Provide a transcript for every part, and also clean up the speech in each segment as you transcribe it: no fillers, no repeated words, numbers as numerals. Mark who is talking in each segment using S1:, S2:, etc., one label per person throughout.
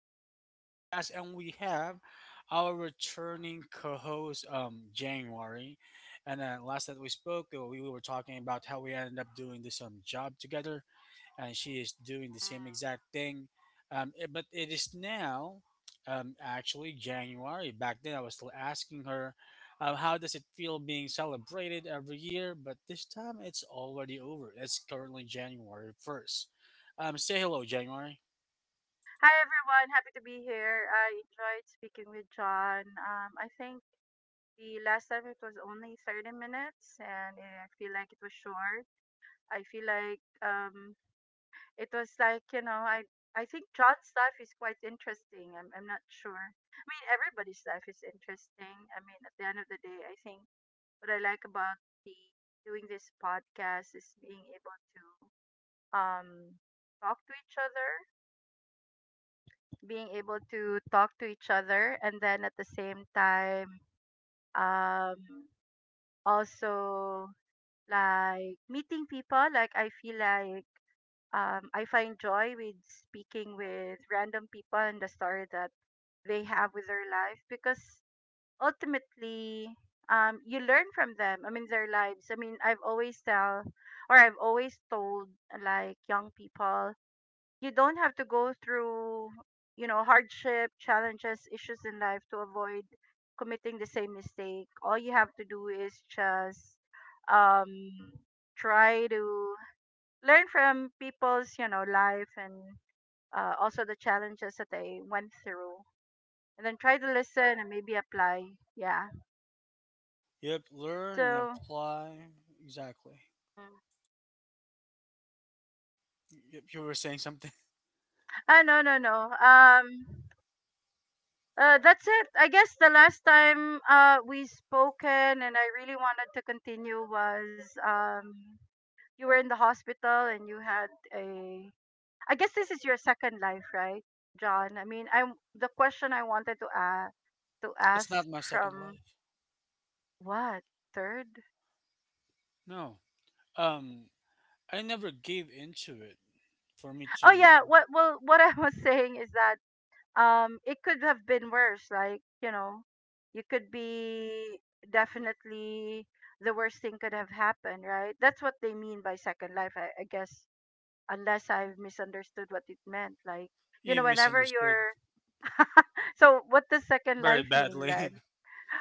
S1: Jeans Podcast, and we have our returning co-host, January. And last that we spoke, we were talking about how we ended up doing this job together, and she is doing the same exact thing. But it is now actually January. Back then, I was still asking her, how does it feel being celebrated every year? But this time, it's already over. It's currently January 1st. Say hello, January.
S2: Hi everyone, happy to be here. I enjoyed speaking with John. I think the last time it was only 30 minutes and I feel like it was short. I feel like it was I think John's life is quite interesting. I'm not sure. I mean, everybody's life is interesting. I mean, at the end of the day, I think what I like about the doing this podcast is being able to um, talk to each other, being able to talk to each other, and then at the same time um also like meeting people. Like, I feel like, I find joy with speaking with random people and the story that they have with their life, because ultimately you learn from them. I mean their lives. I mean, I've always told, like, young people, you don't have to go through, you know, hardship, challenges, issues in life to avoid committing the same mistake. All you have to do is just um try to learn from people's, you know, life and also the challenges that they went through, and then try to listen and maybe apply. Yeah.
S1: Yep, learn and
S2: So
S1: apply. Exactly.
S2: mm,
S1: Yep, you were saying something.
S2: ah no no no that's it. I guess the last time we spoken and I really wanted to continue was you were in the hospital and you had a, I guess this is your second life, right, John? I mean, I'm the question I wanted to
S1: It's not
S2: ask
S1: my second
S2: from,
S1: life.
S2: what, third?
S1: No. Um, I never gave into it for me
S2: Oh
S1: to.
S2: yeah, what, well, what I was saying is that it could have been worse, like, you know, you could be, definitely, the worst thing could have happened, right? That's what they mean by second life, I guess, unless I've misunderstood what it meant. Like, you
S1: You
S2: know, whenever
S1: misunderstood
S2: you're so what does second
S1: very
S2: life mean then?
S1: badly.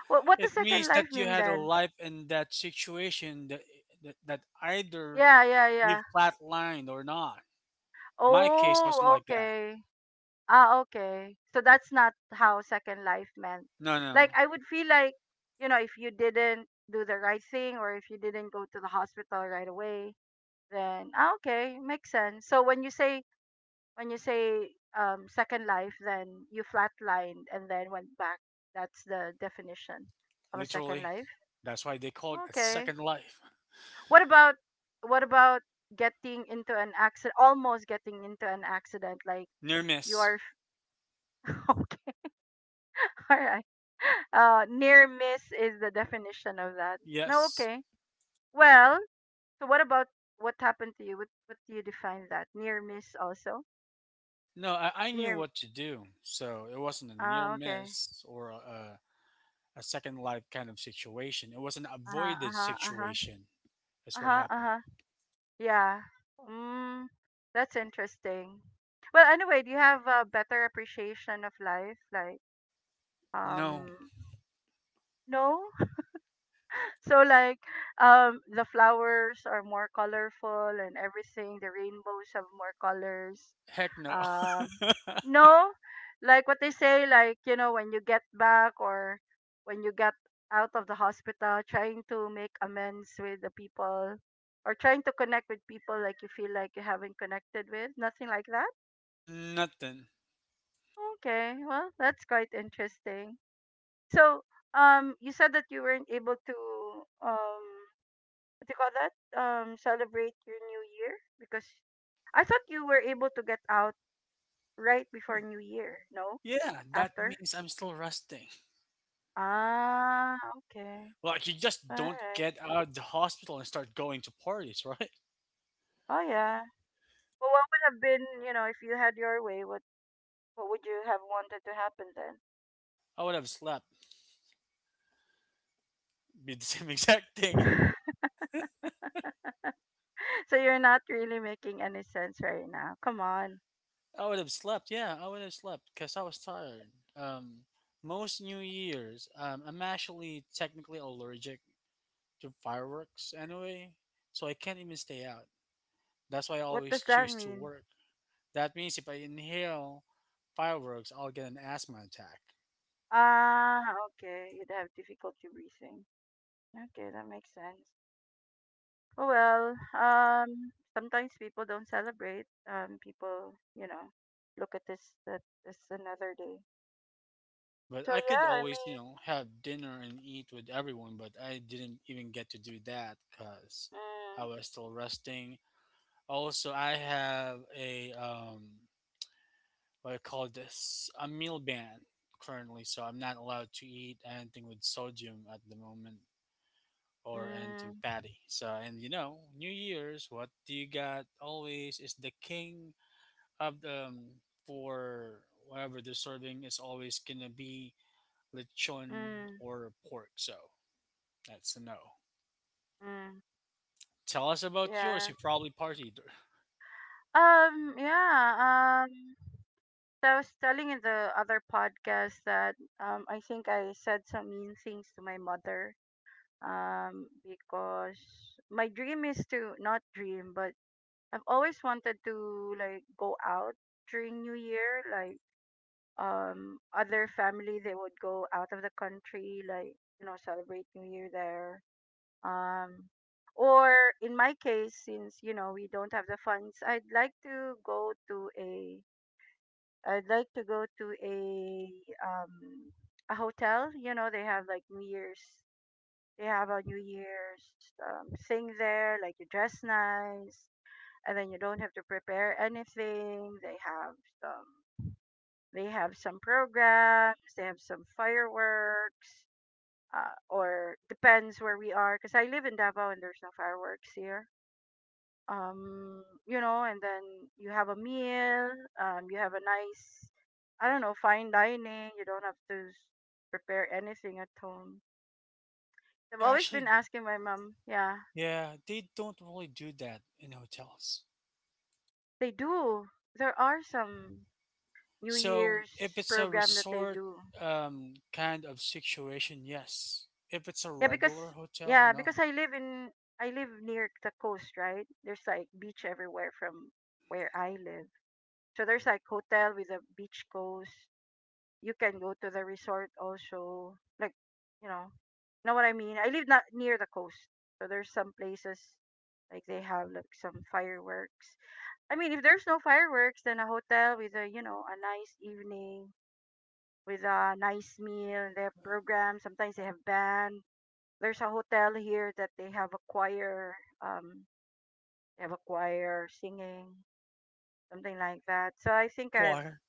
S2: What does
S1: It
S2: second
S1: means
S2: life
S1: that you
S2: mean
S1: had a
S2: then?
S1: life in that situation that either
S2: Yeah, yeah,
S1: you
S2: yeah.
S1: flatlined or not. My case wasn't
S2: Oh,
S1: like that.
S2: okay. Ah, okay. So that's not how Second Life meant.
S1: No, no,
S2: Like, I would feel like, you know, if you didn't do the right thing or if you didn't go to the hospital right away, then, ah, okay, makes sense. So when you say, when you say Second Life, then you flatlined and then went back. That's the definition of a Second
S1: literally.
S2: Life.
S1: That's why they call it a
S2: Okay.
S1: second life.
S2: What about, what about getting into an accident? Almost getting into an accident, like
S1: Near
S2: you
S1: miss.
S2: are. Alright. Near miss is the definition of that. No,
S1: Yes.
S2: okay. Well, so what happened to you? What do you define that? Near miss also?
S1: No, I knew
S2: Near.
S1: what to do. So it wasn't a near
S2: Ah, okay.
S1: miss or a second life kind of situation. It was an
S2: Uh huh. Uh
S1: avoided
S2: huh. Uh huh.
S1: situation. That's
S2: Uh
S1: what
S2: huh. Uh
S1: happened.
S2: huh. Yeah. Mm, that's interesting. Well, anyway, do you have a better appreciation of life? Like,
S1: No,
S2: um, no. So, like, the flowers are more colorful and everything. The rainbows have more colors.
S1: heck no.
S2: Um, no, like what they say, like, you know, when you get back, or when you get out of the hospital, trying to make amends with the people or trying to connect with people like you feel like you haven't connected with, nothing like that.
S1: Nothing.
S2: Okay, well, that's quite interesting. So, you said that you weren't able to, um, what do you call that? Celebrate your new year because I thought you were able to get out right before New Year, no?
S1: Yeah, that
S2: After?
S1: means I'm still resting.
S2: Ah, okay.
S1: Like you just
S2: All
S1: don't
S2: right.
S1: get out of the hospital and start going to parties, right?
S2: Oh yeah. Well, what would have been, you know, if you had your way, what, would you have wanted to happen then?
S1: I would have slept. Be the same exact thing.
S2: So you're not really making any sense right now. Come on.
S1: I would have slept. Yeah, I would have slept because I was tired. Um, most New Year's, I'm actually technically allergic to fireworks anyway, so I can't even stay out. That's why I
S2: What
S1: always
S2: does that
S1: choose to
S2: mean?
S1: work. That means if I inhale fireworks, I'll get an asthma attack.
S2: Ah, okay. You'd have difficulty breathing. Okay, that makes sense. Oh well, sometimes people don't celebrate. People, you know, look at this that this another day.
S1: But
S2: So
S1: I could
S2: yeah, I
S1: always,
S2: mean,
S1: have dinner and eat with everyone, but I didn't even get to do that because I was still resting. Also, I have a, what I call this, a meal ban currently, so I'm not allowed to eat anything with sodium at the moment or anything
S2: mm,
S1: fatty. So, and New Year's, what do you got always is the king of the, for whatever they're serving is always gonna be
S2: mm,
S1: lechon
S2: mm.
S1: or pork, so that's a no.
S2: Mm,
S1: Tell us about yours.
S2: yeah.
S1: You probably partied.
S2: Yeah. So I was telling in the other podcast that, I think I said some mean things to my mother. Because my dream is to not dream, but I've always wanted to like go out during New Year. Like, other family they would go out of the country, like, you know, celebrate New Year there. um or in my case, since, you know, we don't have the funds, I'd like to go to um a hotel. You know, they have like new year's they have a new year's thing there, like you dress nice and then you don't have to prepare anything. They have some they have some programs, they have some fireworks, or depends where we are, because I live in Davao and there's no fireworks here. You know, and then you have a meal, you have a nice, I don't know, fine dining. You don't have to prepare anything at home. I've
S1: They
S2: always been
S1: actually,
S2: asking my mom. Yeah,
S1: yeah, they don't really do that in hotels.
S2: they do. There are some new
S1: So if
S2: year's
S1: it's a
S2: program that they
S1: resort
S2: do.
S1: kind of situation, yes. If it's a
S2: Yeah, because,
S1: regular hotel, no.
S2: I live in, I live near the coast, right? There's like beach everywhere from where I live, so there's like hotel with a beach coast. You can go to the resort also, like, you know what I mean? I live not near the coast, so there's some places, like, they have like some fireworks. I mean, if there's no fireworks, then a hotel with a, you know, a nice evening with a nice meal, they have programs, sometimes they have band. There's a hotel here that they have a choir, um they have a choir singing something like that. So I think I've
S1: Choir.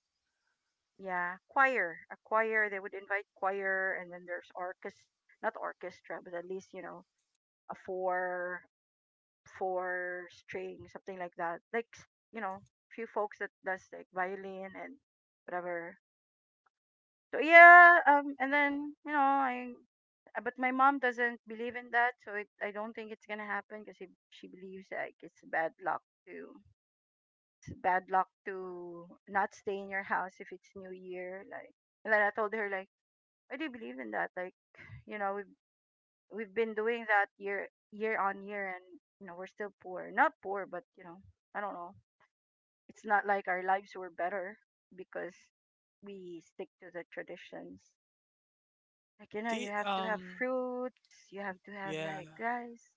S2: Yeah, choir, a choir. They would invite choir, and then there's orchestra, not orchestra, but at least, you know, a four string, something like that. You know, few folks that does like violin and whatever. So yeah, and then, you know, but my mom doesn't believe in that, so I don't think it's gonna happen because she believes like it's bad luck to, it's bad luck to not stay in your house if it's New Year, like. And then I told her, like, I do believe in that. Like, you know, we've been doing that year year on year, and, you know, we're still poor. Not poor, but, you know, I don't know. It's not like our lives were better because we stick to the traditions. Like, you know, you
S1: They,
S2: have to have fruits. You have to have
S1: yeah,
S2: like rice.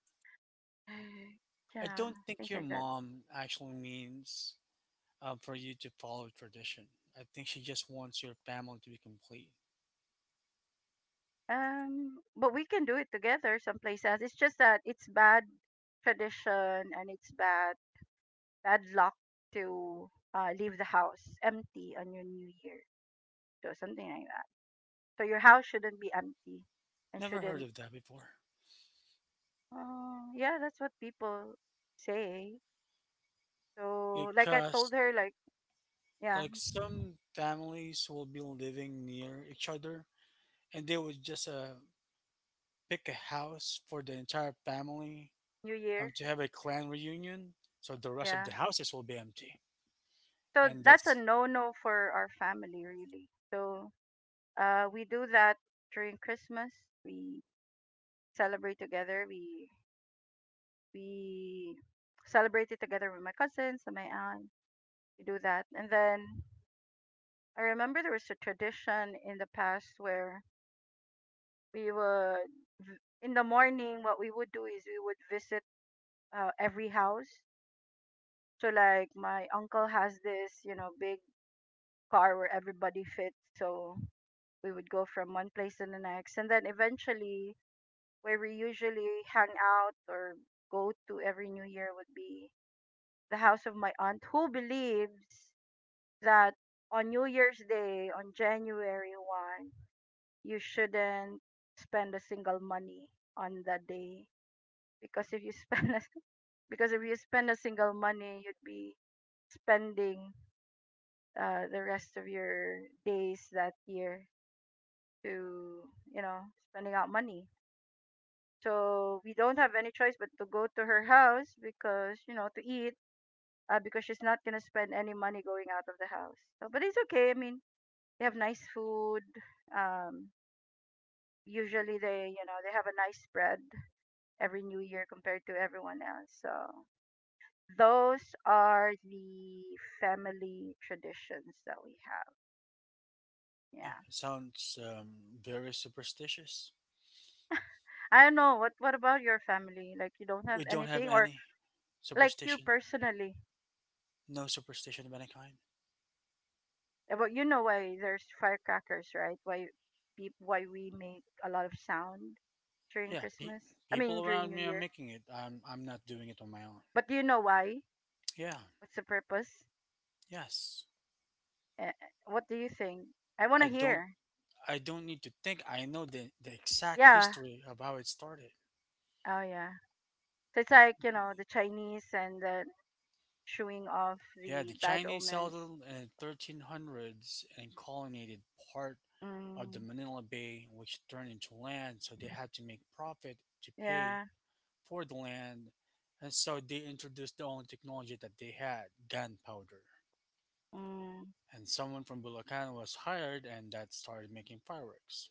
S2: You
S1: I
S2: know,
S1: don't think
S2: things
S1: your
S2: like that.
S1: mom actually means for you to follow tradition. I think she just wants your family to be complete.
S2: But we can do it together someplace else. It's just that it's bad tradition and it's bad luck to leave the house empty on your new year. So something like that. So your house shouldn't be empty and
S1: Never
S2: shouldn't.
S1: heard of that before.
S2: Yeah, that's what people say. So like I told
S1: Because
S2: her, like, yeah,
S1: like some families will be living near each other and they would just pick a house for the entire family
S2: new year,
S1: to have a clan reunion, so the rest
S2: yeah.
S1: of the houses will be empty.
S2: So
S1: and
S2: that's a
S1: that's
S2: no-no for our family, really. So we do that during Christmas. We celebrate together. We celebrate it together with my cousins and my aunt. We do that, and then I remember there was a tradition in the past where we would, in the morning, what we would do is we would visit every house. So, like, my uncle has this, you know, big car where everybody fits. So, we would go from one place to the next. And then eventually, where we usually hang out or go to every New Year would be the house of my aunt, who believes that on New Year's Day, on January 1st, you shouldn't spend a single money on that day, because if you spend a because if you spend a single money, you'd be spending the rest of your days that year to, you know, spending out money. So we don't have any choice but to go to her house, because, you know, to eat, because she's not gonna spend any money going out of the house. So, but it's okay, I mean, they have nice food, um usually they, you know, they have a nice spread every new year compared to everyone else. So those are the family traditions that we have.
S1: yeah
S2: Yeah.
S1: sounds very superstitious.
S2: I don't know, what about your family? Like, you don't have
S1: We don't have
S2: anything? Or
S1: any
S2: like you
S1: superstition,
S2: personally.
S1: no superstition of any kind.
S2: But you know why there's firecrackers, right? Why, peop why we make a lot of sound during
S1: Yeah,
S2: Christmas? I mean
S1: people
S2: during New
S1: around me are
S2: Year.
S1: making it. I'm not doing it on my own.
S2: But do you know why?
S1: yeah
S2: What's the purpose?
S1: yes
S2: Eh, eh, What do you think? I want to
S1: i don't
S2: hear.
S1: I don't need to think. I know the exact
S2: Yeah.
S1: history of how it started.
S2: Oh yeah. So it's like, you know, the Chinese and the showing off
S1: Yeah,
S2: the
S1: the
S2: bad
S1: Chinese
S2: omens.
S1: settled in 1300s and colonized part of the
S2: Mm,
S1: Manila Bay, which turned into land, so they had to make profit to pay
S2: yeah.
S1: for the land. And so they introduced the only technology that they had, gunpowder.
S2: Mm,
S1: And someone from Bulacan was hired, and that started making fireworks.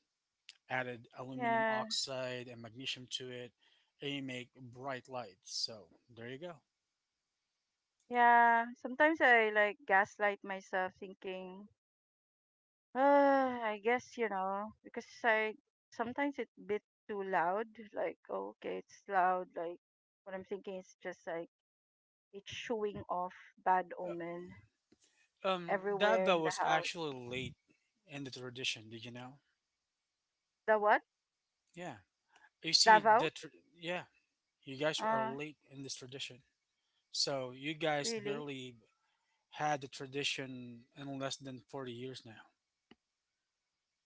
S1: Added aluminum
S2: yeah.
S1: oxide and magnesium to it, and you make bright lights. So there you go.
S2: Yeah. Sometimes I like gaslight myself thinking, uh, I guess, you know, because I, sometimes it's a bit too loud. Like, oh, okay, it's loud. Like, what I'm thinking is just like it's showing off bad omen
S1: Um, that
S2: everywhere in
S1: bell
S2: the
S1: was
S2: house.
S1: actually late in the tradition. Did you know?
S2: The what?
S1: Yeah, you see
S2: Davao?
S1: that. Tr yeah, you guys are
S2: Uh,
S1: late in this tradition. So you guys
S2: Really?
S1: barely had the tradition in less than 40 years now.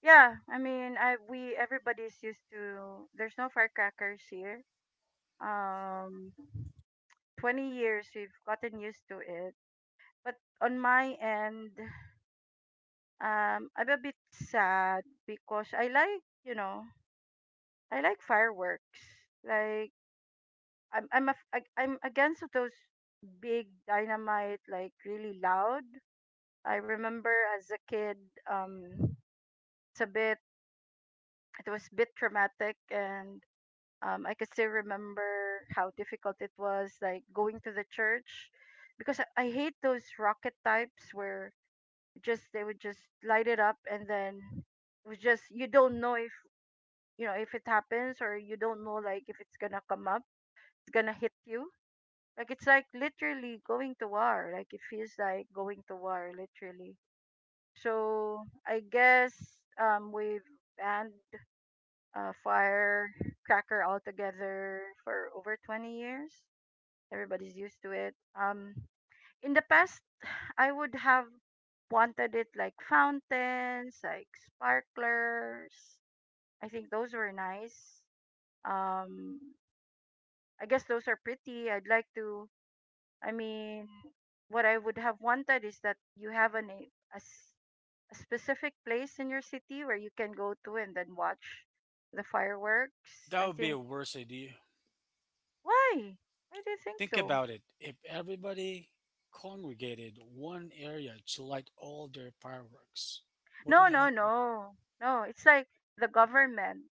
S2: Yeah, I mean, I we everybody's used to. There's no firecrackers here. Um, 20 years we've gotten used to it. But on my end, I'm a bit sad because I like, you know, I like fireworks. Like I'm against those big dynamite, like really loud. I remember as a kid, um, it's a bit, it was a bit traumatic, and I could still remember how difficult it was, like going to the church, because I hate those rocket types where just they would just light it up, and then it was just you don't know if you know if it happens, or you don't know like if it's gonna come up, it's gonna hit you. Like it's like literally going to war. Like it feels like going to war, literally. So I guess we've banned firecracker altogether for over 20 years. Everybody's used to it. In the past, I would have wanted it like fountains, like sparklers. I think those were nice. Um, I guess those are pretty. I'd like to. I mean, what I would have wanted is that you have an, a s- a specific place in your city where you can go to and then watch the fireworks,
S1: That
S2: I
S1: would be a
S2: think.
S1: worse idea.
S2: Why? Why do you think
S1: Think
S2: so?
S1: about it. If everybody congregated one area to light all their fireworks, what would
S2: No, no,
S1: happen?
S2: no. No, it's like the government.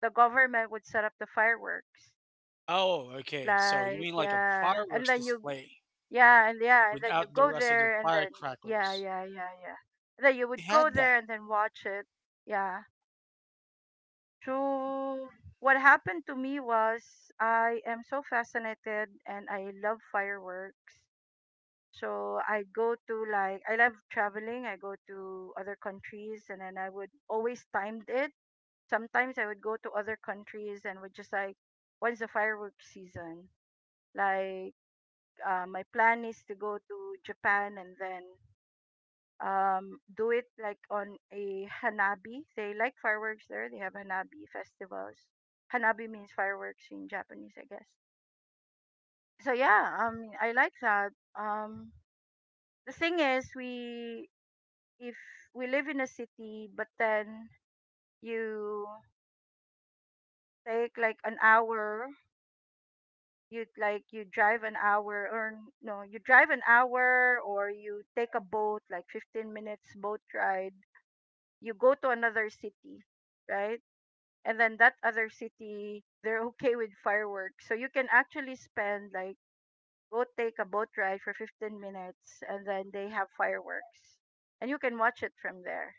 S2: the government would set up the fireworks.
S1: Oh, okay. So you
S2: Like
S1: mean like a
S2: yeah, and
S1: fireworks
S2: then you
S1: display
S2: yeah, and yeah, and then you
S1: without the
S2: go
S1: rest of the
S2: there, and then yeah,
S1: firecrackers?
S2: yeah, yeah, yeah. And then you
S1: We
S2: would go
S1: had
S2: there
S1: that.
S2: and then watch it. Yeah. True. What happened to me was I am so fascinated and I love fireworks. So I go to, like, I love traveling. I go to other countries and then I would always timed it, sometimes I would go to other countries and would just like, when's the fireworks season? Like my plan is to go to Japan and then do it like on a hanabi. They like fireworks there. They have hanabi festivals. Hanabi means fireworks in Japanese, I guess. So yeah, I like that. Um the thing is we if we live in a city but then you take like an hour, you drive an hour, or no, you drive an hour or you take a boat, like 15 minutes boat ride, you go to another city, right? And then that other city, they're okay with fireworks, so you can actually spend, like, go take a boat ride for 15 minutes and then they have fireworks and you can watch it from there.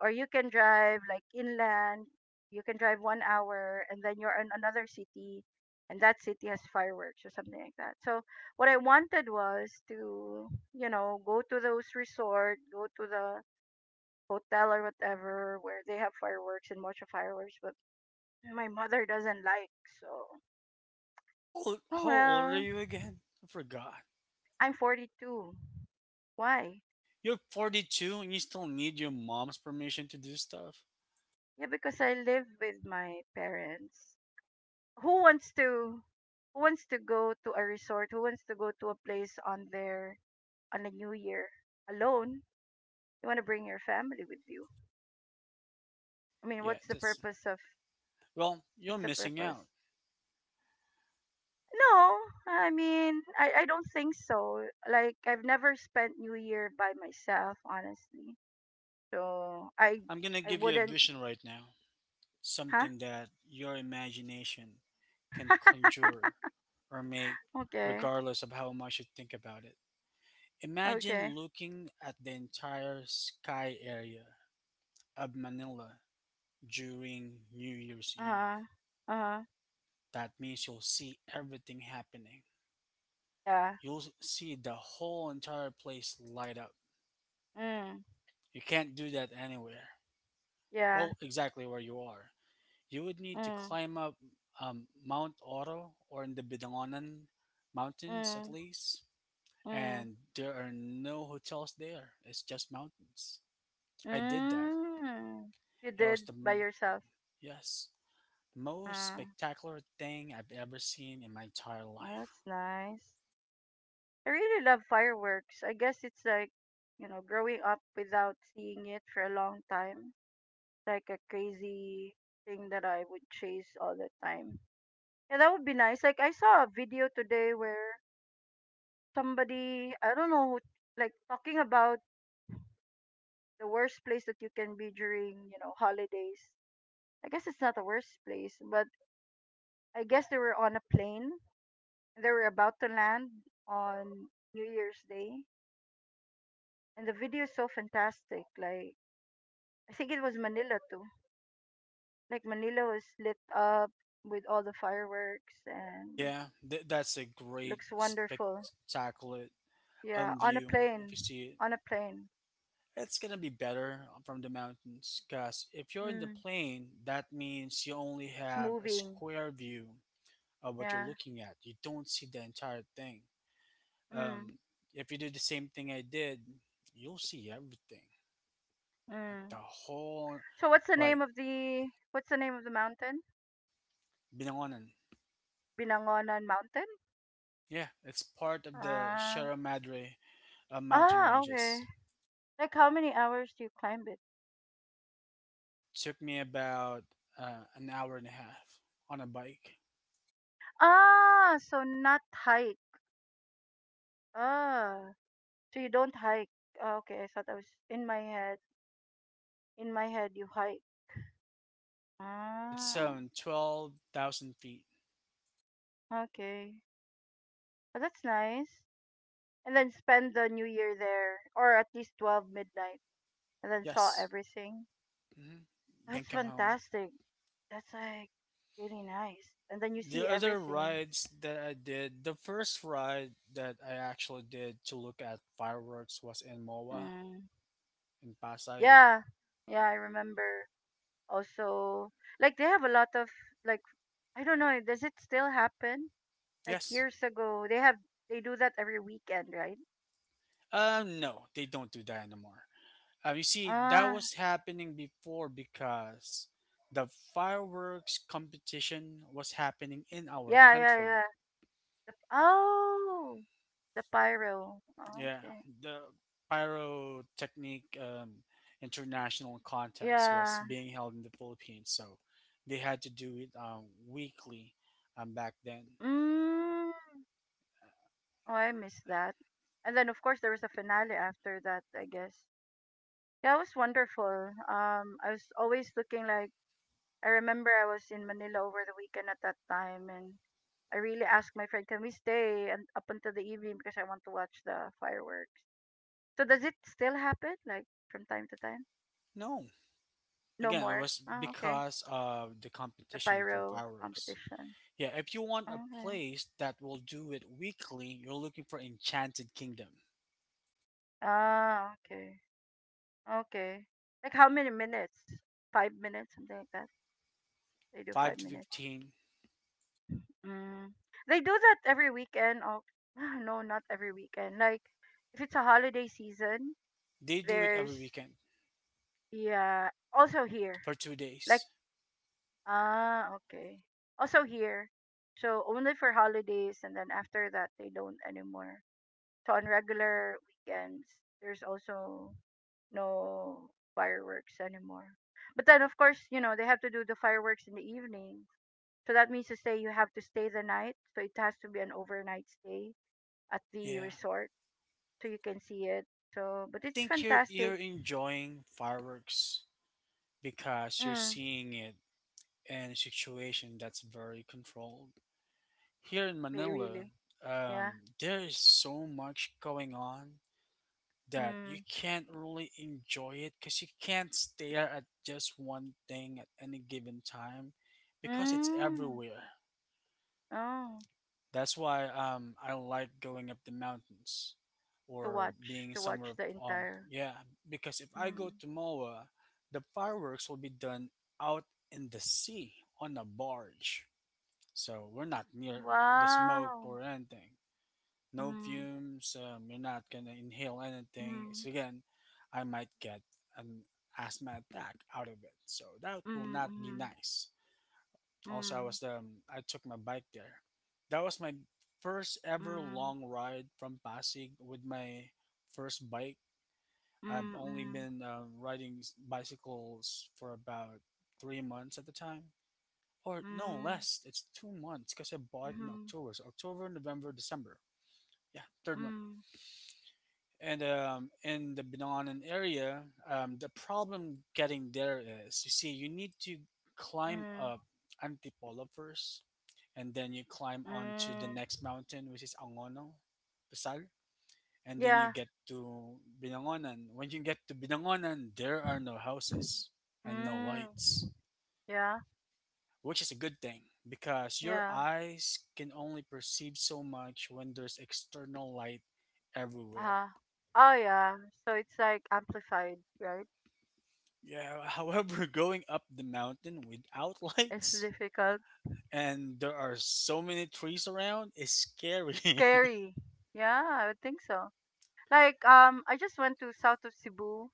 S2: Or you can drive like inland, you can drive 1 hour and then you're in another city and that city has fireworks or something like that. So what I wanted was to, you know, go to those resort, go to the hotel or whatever where they have fireworks and watch the fireworks, but my mother doesn't like, so
S1: How old,
S2: oh
S1: how old are
S2: well.
S1: you again? I forgot.
S2: I'm 42. Why?
S1: You're 42 and you still need your mom's permission to do stuff?
S2: Yeah, because I live with my parents. who wants to who wants to go to a resort? Who wants to go to a place on their on a new year alone? You want to bring your family with you. I mean,
S1: Yeah, that's. Well, you're
S2: what's the
S1: missing
S2: purpose?
S1: out.
S2: No, I mean, I don't think so. Like I've never spent New Year by myself, honestly. So
S1: I'm gonna
S2: I
S1: give you a
S2: wouldn't
S1: vision right now.
S2: huh?
S1: Something that your imagination can conjure or make,
S2: Okay.
S1: regardless of how much you think about it. Imagine
S2: Okay.
S1: looking at the entire sky area of Manila during New Year's Eve.
S2: Uh-huh. Uh-huh.
S1: That means you'll see everything happening.
S2: Yeah.
S1: You'll see the whole entire place light up.
S2: Mm.
S1: You can't do that anywhere.
S2: Yeah.
S1: Well, exactly where you are. You would need to
S2: Mm.
S1: climb up Mount Oro or in the Bidangonan Mountains at
S2: Mm.
S1: least.
S2: Mm.
S1: And there are no hotels there. It's just mountains. I did that.
S2: Mm. You
S1: It was,
S2: did by yourself.
S1: yes, most
S2: Mm.
S1: spectacular thing I've ever seen in my entire
S2: Oh,
S1: life.
S2: that's nice. I really love fireworks. I guess it's like, you know, growing up without seeing it for a long time, like a crazy thing that I would chase all the time. Yeah, that would be nice. Like I saw a video today where somebody, I don't know, like talking about the worst place that you can be during, you know, holidays. I guess it's not the worst place, but I guess they were on a plane, they were about to land on New Year's Day, and the video is so fantastic. Like I think it was Manila too. Like Manila was lit up with all the fireworks and
S1: Yeah, that's a great
S2: looks wonderful.
S1: spectacular
S2: Yeah, on a
S1: view if you
S2: plane,
S1: see.
S2: on a plane.
S1: It's gonna be better from the mountains, cause if you're in the
S2: Mm,
S1: plane, that means you only
S2: it's
S1: have a
S2: moving.
S1: square view of what you're
S2: Yeah.
S1: looking at. You don't see the entire thing. Um,
S2: Mm,
S1: if you do the same thing I did, you'll see everything, like
S2: mm.
S1: the whole,
S2: So
S1: like
S2: what's the name of the mountain?
S1: Binangonan.
S2: Binangonan Mountain.
S1: Yeah, it's part of the
S2: Ah.
S1: Sierra Madre mountain
S2: Ah. Okay.
S1: ranges.
S2: Like how many hours do you climb it?
S1: Took me about an hour and a half on a bike.
S2: Ah, so not hike. Ah, so you don't hike. Ah, okay, I thought I was in my head. in my head, you hike.
S1: It's
S2: Ah,
S1: 12,000 feet.
S2: okay. Well, that's nice. And then spend the new year there, or at least 12 midnight, and then saw
S1: Yes.
S2: everything.
S1: Mhm. Then
S2: That's
S1: come home.
S2: fantastic. That's like really nice. And then you see
S1: The other
S2: everything.
S1: rides that I did, the first ride that I actually did to look at fireworks was in Moa
S2: Mm.
S1: in Pasay.
S2: Yeah, yeah, I remember. Also, like they have a lot of, like, I don't know, does it still happen? Like
S1: Yes.
S2: years ago, they have, they do that every weekend, right?
S1: No, they don't do that anymore. You see, that
S2: Ah,
S1: was happening before because the fireworks competition was happening in our
S2: yeah, yeah, yeah.
S1: country.
S2: The, oh, the pyro. Oh,
S1: Yeah,
S2: okay.
S1: the Pyrotechnic International Contest was
S2: Yeah.
S1: being held in the Philippines, so they had to do it weekly back then.
S2: Mm. Oh, I missed that. And then of course there was a finale after that, I guess. Yeah, it was wonderful. I was always looking, like, I remember I was in Manila over the weekend at that time, and I really asked my friend, "Can we stay and up until the evening because I want to watch the fireworks?" So does it still happen, like from time to time?
S1: No,
S2: No
S1: again, it
S2: more?
S1: was
S2: Ah, okay.
S1: because of the
S2: The
S1: competition for
S2: pyro
S1: fireworks.
S2: competition.
S1: Yeah, if you want a
S2: Okay.
S1: place that will do it weekly, you're looking for Enchanted Kingdom,
S2: Ah, okay. Okay. Like how many minutes? 5 minutes, something like that. They do
S1: 5
S2: five
S1: to
S2: minutes.
S1: 15.
S2: Mm. They do that every weekend. Oh, no, not every weekend. Like if it's a holiday season,
S1: They do it every
S2: there's
S1: weekend
S2: yeah. Also here,
S1: for two
S2: like
S1: days.
S2: ah, okay. Also here, so only for holidays, and then after that they don't anymore. So on regular weekends, there's also no fireworks anymore. But then, of course, you know, they have to do the fireworks in the evening. So that means to say you have to stay the night. So it has to be an overnight stay at the
S1: Yeah,
S2: resort so you can see it. So,
S1: I
S2: but it's
S1: think you're
S2: fantastic.
S1: enjoying fireworks because you're
S2: Mm,
S1: seeing it in a situation that's very controlled. Here in Manila,
S2: really. Yeah.
S1: there is so much going on that you
S2: Mm.
S1: can't really enjoy it because you can't stare at just one thing at any given time because it's
S2: Mm.
S1: everywhere.
S2: Oh,
S1: That's why I don't like going up the mountains or being
S2: to watch
S1: somewhere,
S2: the entire.
S1: yeah, because if I go
S2: Mm.
S1: to Moa, the fireworks will be done out in the sea on a barge. So we're not near the smoke
S2: Wow.
S1: or anything. No
S2: Mm.
S1: fumes. You're not gonna inhale anything.
S2: Mm.
S1: So again, I might get an asthma attack out of it. So that will
S2: Mm.
S1: not be
S2: Mm.
S1: nice. Also,
S2: Mm.
S1: I took my bike there. That was my first ever
S2: Mm.
S1: long ride from Pasig with my first bike. I've
S2: Mm.
S1: only
S2: Mm.
S1: been riding bicycles for about 3 months at the time, or no
S2: Mm.
S1: less. It's 2 months because I bought
S2: Mm.
S1: in
S2: Mm.
S1: October, so October, November, December. Yeah, third month.
S2: Mm,
S1: And in the Binangan area, the problem getting there is you see you need to climb
S2: mm,
S1: up Antipolo first, and then you climb onto the
S2: mm.
S1: next mountain, which is Angono, Pasal, and then you
S2: Yeah.
S1: get to Binangonan. When you get to Binangonan, there are no houses and no
S2: Mm.
S1: lights,
S2: Yeah.
S1: which is a good thing because your
S2: Yeah.
S1: eyes can only perceive so much when there's external light everywhere.
S2: Uh-huh. Oh yeah. So it's like amplified, right?
S1: Yeah, however, going up the mountain without
S2: It's
S1: lights
S2: difficult.
S1: and there are so many trees around is scary.
S2: Scary. Yeah, I would think so. Like I just went to south of Cebu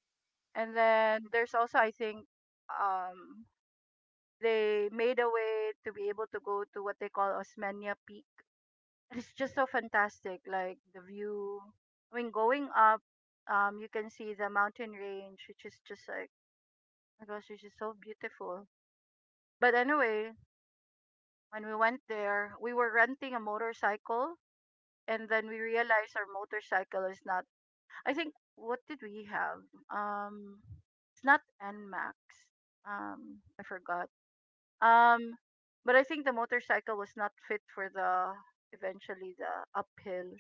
S2: and then there's also I think um they made a way to be able to go to what they call Osmeña Peak. It's just so fantastic, like the view when going up. You can see the mountain range, which is just like, oh my gosh, it's just so beautiful. But anyway, when we went there we were renting a motorcycle, and then we realized our motorcycle is not, I think, what did we have? um it's not N Max. I forgot. um but I think the motorcycle was not fit for the, eventually, the uphill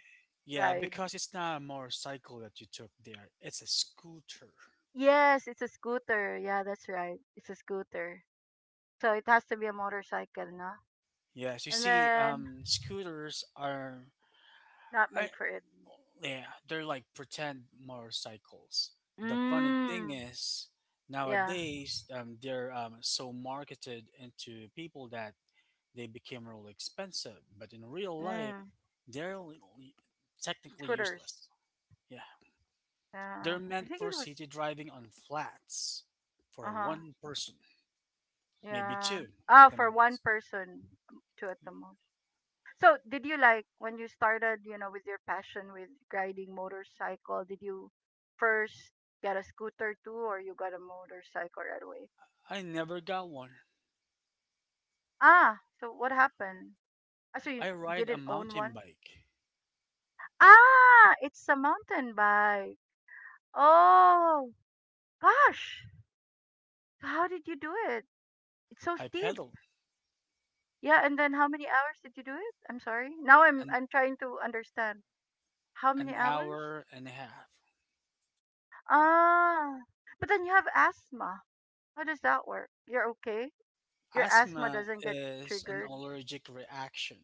S1: Yeah,
S2: ride.
S1: because it's not a motorcycle that you took there. It's a scooter.
S2: Yes, it's a scooter. Yeah, that's right. It's a scooter. So it has to be a motorcycle, no?
S1: Yes, you
S2: And
S1: see,
S2: then
S1: scooters are,
S2: not
S1: I,
S2: made for it.
S1: yeah, they're like pretend motorcycles. The funny thing
S2: Mm.
S1: is,
S2: Yeah.
S1: nowadays, they're so marketed into people that they became really expensive. But in real life,
S2: Mm.
S1: they're technically
S2: Scooters.
S1: useless. Yeah,
S2: Yeah.
S1: they're
S2: I
S1: meant
S2: think
S1: for
S2: it was
S1: city driving on flats for
S2: uh-huh.
S1: one person, maybe
S2: Yeah.
S1: two at
S2: Ah,
S1: the
S2: for one
S1: most.
S2: person, two at the most. So did you, like, when you started, you know, with your passion with riding motorcycle, did you first get a scooter too, or you got a motorcycle right away?
S1: I never got one.
S2: Ah, so what happened? Ah, so
S1: I
S2: you
S1: ride a
S2: didn't own
S1: mountain
S2: one?
S1: bike.
S2: Ah, it's a mountain bike. Oh, gosh. How did you do it? It's so
S1: I
S2: steep.
S1: pedal
S2: Yeah, and then how many hours did you do it? I'm sorry. Now
S1: an,
S2: I'm trying to understand. How many
S1: an
S2: hours?
S1: hour and a half.
S2: Ah. But then you have asthma. How does that work? You're okay? Your asthma
S1: Asthma
S2: doesn't get
S1: is an
S2: triggered.
S1: allergic reaction,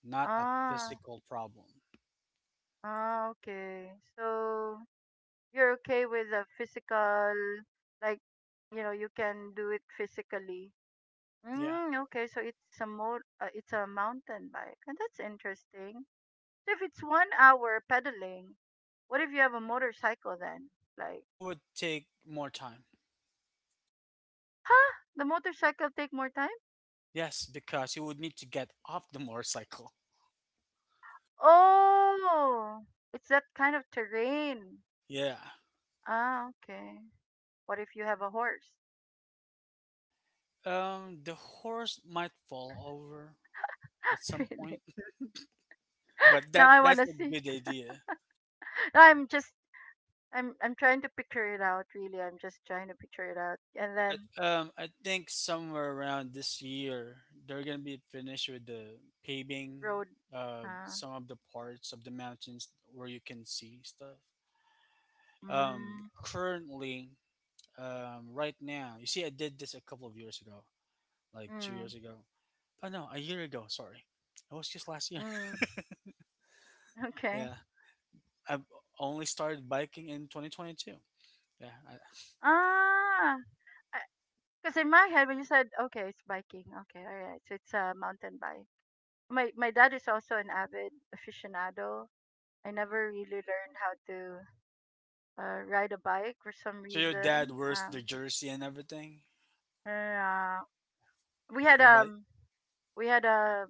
S1: not a
S2: Ah.
S1: physical problem.
S2: Ah, okay. So you're okay with the physical, like, you know, you can do it physically.
S1: Yeah,
S2: Mm, okay, so it's a more it's a mountain bike and that's interesting. So if it's 1 hour pedaling, what if you have a motorcycle then, like,
S1: it would take more time.
S2: huh, the motorcycle take more time?
S1: Yes, because you would need to get off the motorcycle.
S2: Oh, it's that kind of terrain.
S1: Yeah.
S2: Ah, okay. What if you have a horse?
S1: The horse might fall over at some
S2: Really?
S1: point, but
S2: Now
S1: that
S2: I want
S1: that's
S2: to
S1: a
S2: see.
S1: good idea.
S2: Now I'm just I'm trying to picture it out. Really, I'm just trying to picture it out. And
S1: But
S2: then
S1: I think somewhere around this year, they're gonna be finished with the paving,
S2: road. Uh,
S1: some of the parts of the mountains where you can see stuff. Um,
S2: mm,
S1: currently, right now, you see, I did this a couple of years ago, like two
S2: mm,
S1: years ago. Oh no, a year ago. Sorry, it was just last year.
S2: mm, okay.
S1: Yeah, I've only started biking in 2022. Yeah. I,
S2: Ah, because in my head when you said okay, it's biking. Okay, all right. So it's a mountain bike. My dad is also an avid aficionado. I never really learned how to ride a bike for some
S1: so your dad
S2: reason.
S1: wears the jersey and everything.
S2: Uh, we had
S1: Provide.
S2: um we had a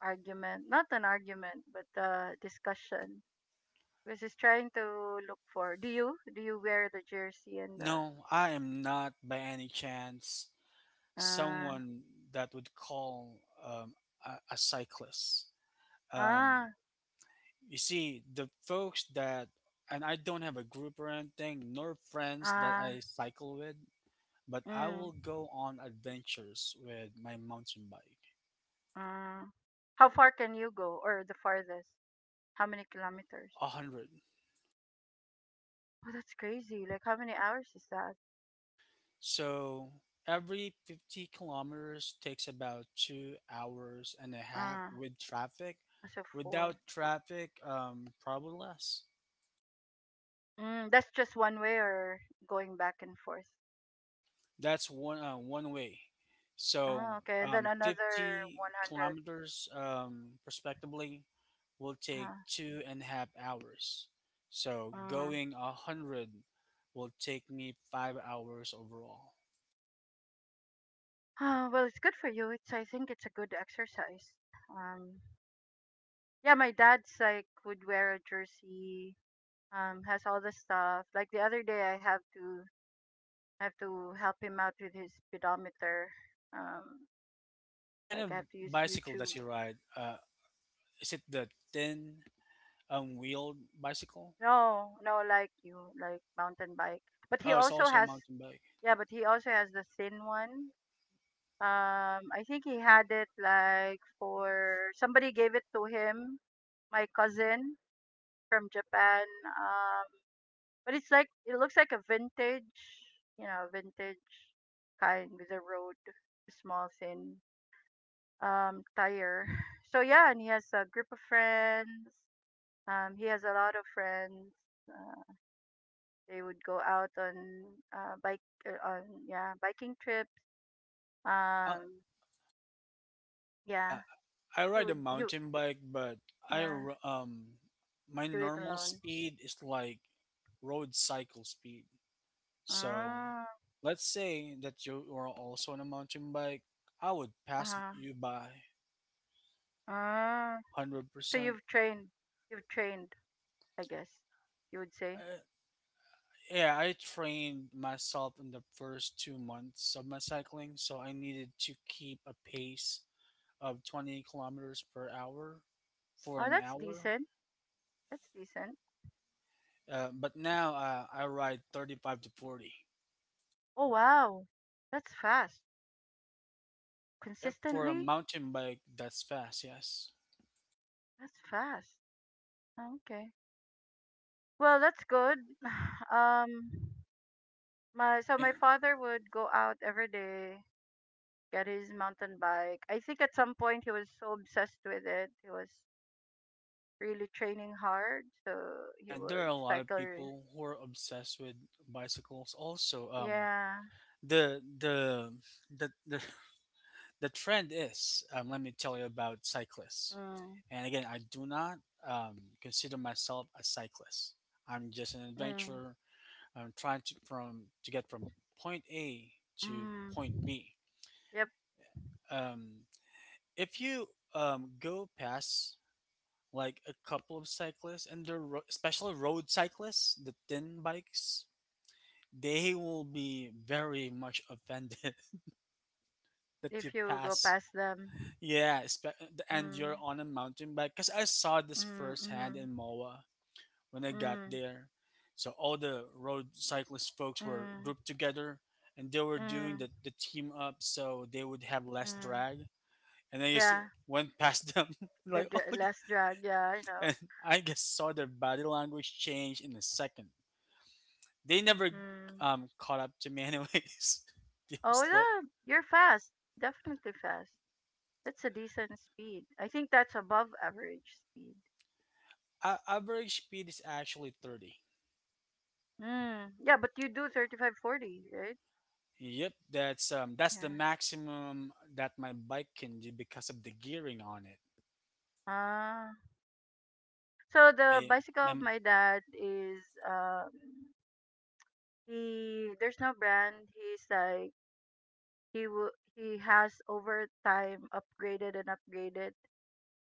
S2: argument, not an argument, but a discussion, was just trying to look for. Do you wear the jersey and the
S1: No, I am not by any chance
S2: uh
S1: someone that would call a cyclist.
S2: ah
S1: Um, you see, the folks that, and I don't have a group or anything, nor friends that
S2: ah
S1: I cycle with, but I
S2: mm,
S1: will go on adventures with my mountain bike.
S2: mm. How far can you go, or the farthest? How many kilometers?
S1: 100.
S2: Oh, that's crazy. Like how many hours is that?
S1: So every 50 kilometers takes about 2 hours and a half
S2: Uh,
S1: with traffic.
S2: so four.
S1: Without traffic, probably less.
S2: That's just one way or going back and forth.
S1: That's one way.
S2: Oh,
S1: So
S2: okay. And then
S1: um,
S2: another
S1: 50
S2: 100.
S1: kilometers, respectively, will take
S2: Uh,
S1: two and a half hours. So
S2: mm.
S1: going 100 will take me 5 hours overall.
S2: Oh, well, it's good for you. It's I think it's a good exercise. Um, yeah, my dad's like would wear a jersey. Has all the stuff. Like the other day, I have to help him out with his speedometer. Um,
S1: What kind
S2: like I
S1: of
S2: have to use
S1: bicycle
S2: YouTube.
S1: does he ride? Is it the thin wheeled bicycle?
S2: No, no, like you, like mountain bike. But he
S1: Oh, it's
S2: also
S1: also a
S2: has
S1: mountain bike.
S2: yeah, but he also has the thin one. I think he had it like for somebody gave it to him. My cousin from Japan. Um. But it's like it looks like a vintage, vintage kind with a road, small thin tire. So yeah, and he has a group of friends. He has a lot of friends. Uh, they would go out on bike on yeah biking trips.
S1: Yeah.
S2: Um, yeah,
S1: Uh, I
S2: he
S1: ride a
S2: would he would,
S1: mountain bike, but I
S2: yeah
S1: r- um my
S2: do it
S1: normal
S2: alone.
S1: speed is like road cycle speed. So
S2: Ah,
S1: let's say that you are also on a mountain bike. I would pass
S2: uh-huh.
S1: you by
S2: Ah. So
S1: 100%.
S2: you've trained, you've trained, I guess you would say.
S1: Yeah, I trained myself in the first 2 months of my cycling, so I needed to keep a pace of 20 kilometers per hour for
S2: Oh,
S1: an
S2: that's
S1: hour.
S2: decent. That's decent.
S1: But now I ride 35 to 40.
S2: Oh wow. That's fast.
S1: Yep, for a
S2: Consistently?
S1: mountain bike, that's fast, yes.
S2: That's fast. Oh, okay. Well, that's good. Um my so my
S1: And
S2: father would go out every day, get his mountain bike. I think at some point he was so obsessed with it. He was really training hard, so he
S1: Yeah, there are
S2: would
S1: a lot of
S2: cycle.
S1: people who are obsessed with bicycles. Also,
S2: Yeah.
S1: the the the the, the trend is let me tell you about cyclists.
S2: Mm.
S1: And again, I do not um, consider myself a cyclist. I'm just an
S2: Mm.
S1: adventurer. I'm trying to from to get from point A to point
S2: Mm.
S1: B.
S2: Yep,
S1: Um, if you go past like a couple of cyclists, and they're especially road cyclists, the thin bikes, they will be very much offended that
S2: if
S1: you
S2: you go
S1: pass.
S2: past them.
S1: Yeah, and you're
S2: Mm.
S1: on a mountain bike. Because I saw this
S2: Mm.
S1: firsthand
S2: Mm.
S1: in Moa when I got
S2: Mm.
S1: there. So all the road cyclist folks were
S2: Mm.
S1: grouped together, and they were doing
S2: Mm.
S1: the team up so they would have less
S2: Mm.
S1: drag. And I just
S2: Yeah.
S1: went past them.
S2: The
S1: Like, oh, my God.
S2: less drug. Yeah, I know.
S1: And I just saw their body language change in a second. They never
S2: Mm.
S1: caught up to me, anyways. They were
S2: Oh,
S1: slow.
S2: yeah. You're fast. Definitely fast. That's a decent speed. I think that's above average speed.
S1: Average speed is actually 30.
S2: Mm. Yeah, but you do 35, 40, right?
S1: Yep, that's the
S2: Yeah.
S1: maximum that my bike can do because of the gearing on it.
S2: Ah. So the
S1: My,
S2: bicycle
S1: my
S2: of my dad is he there's no brand. He's like he has over time upgraded and upgraded,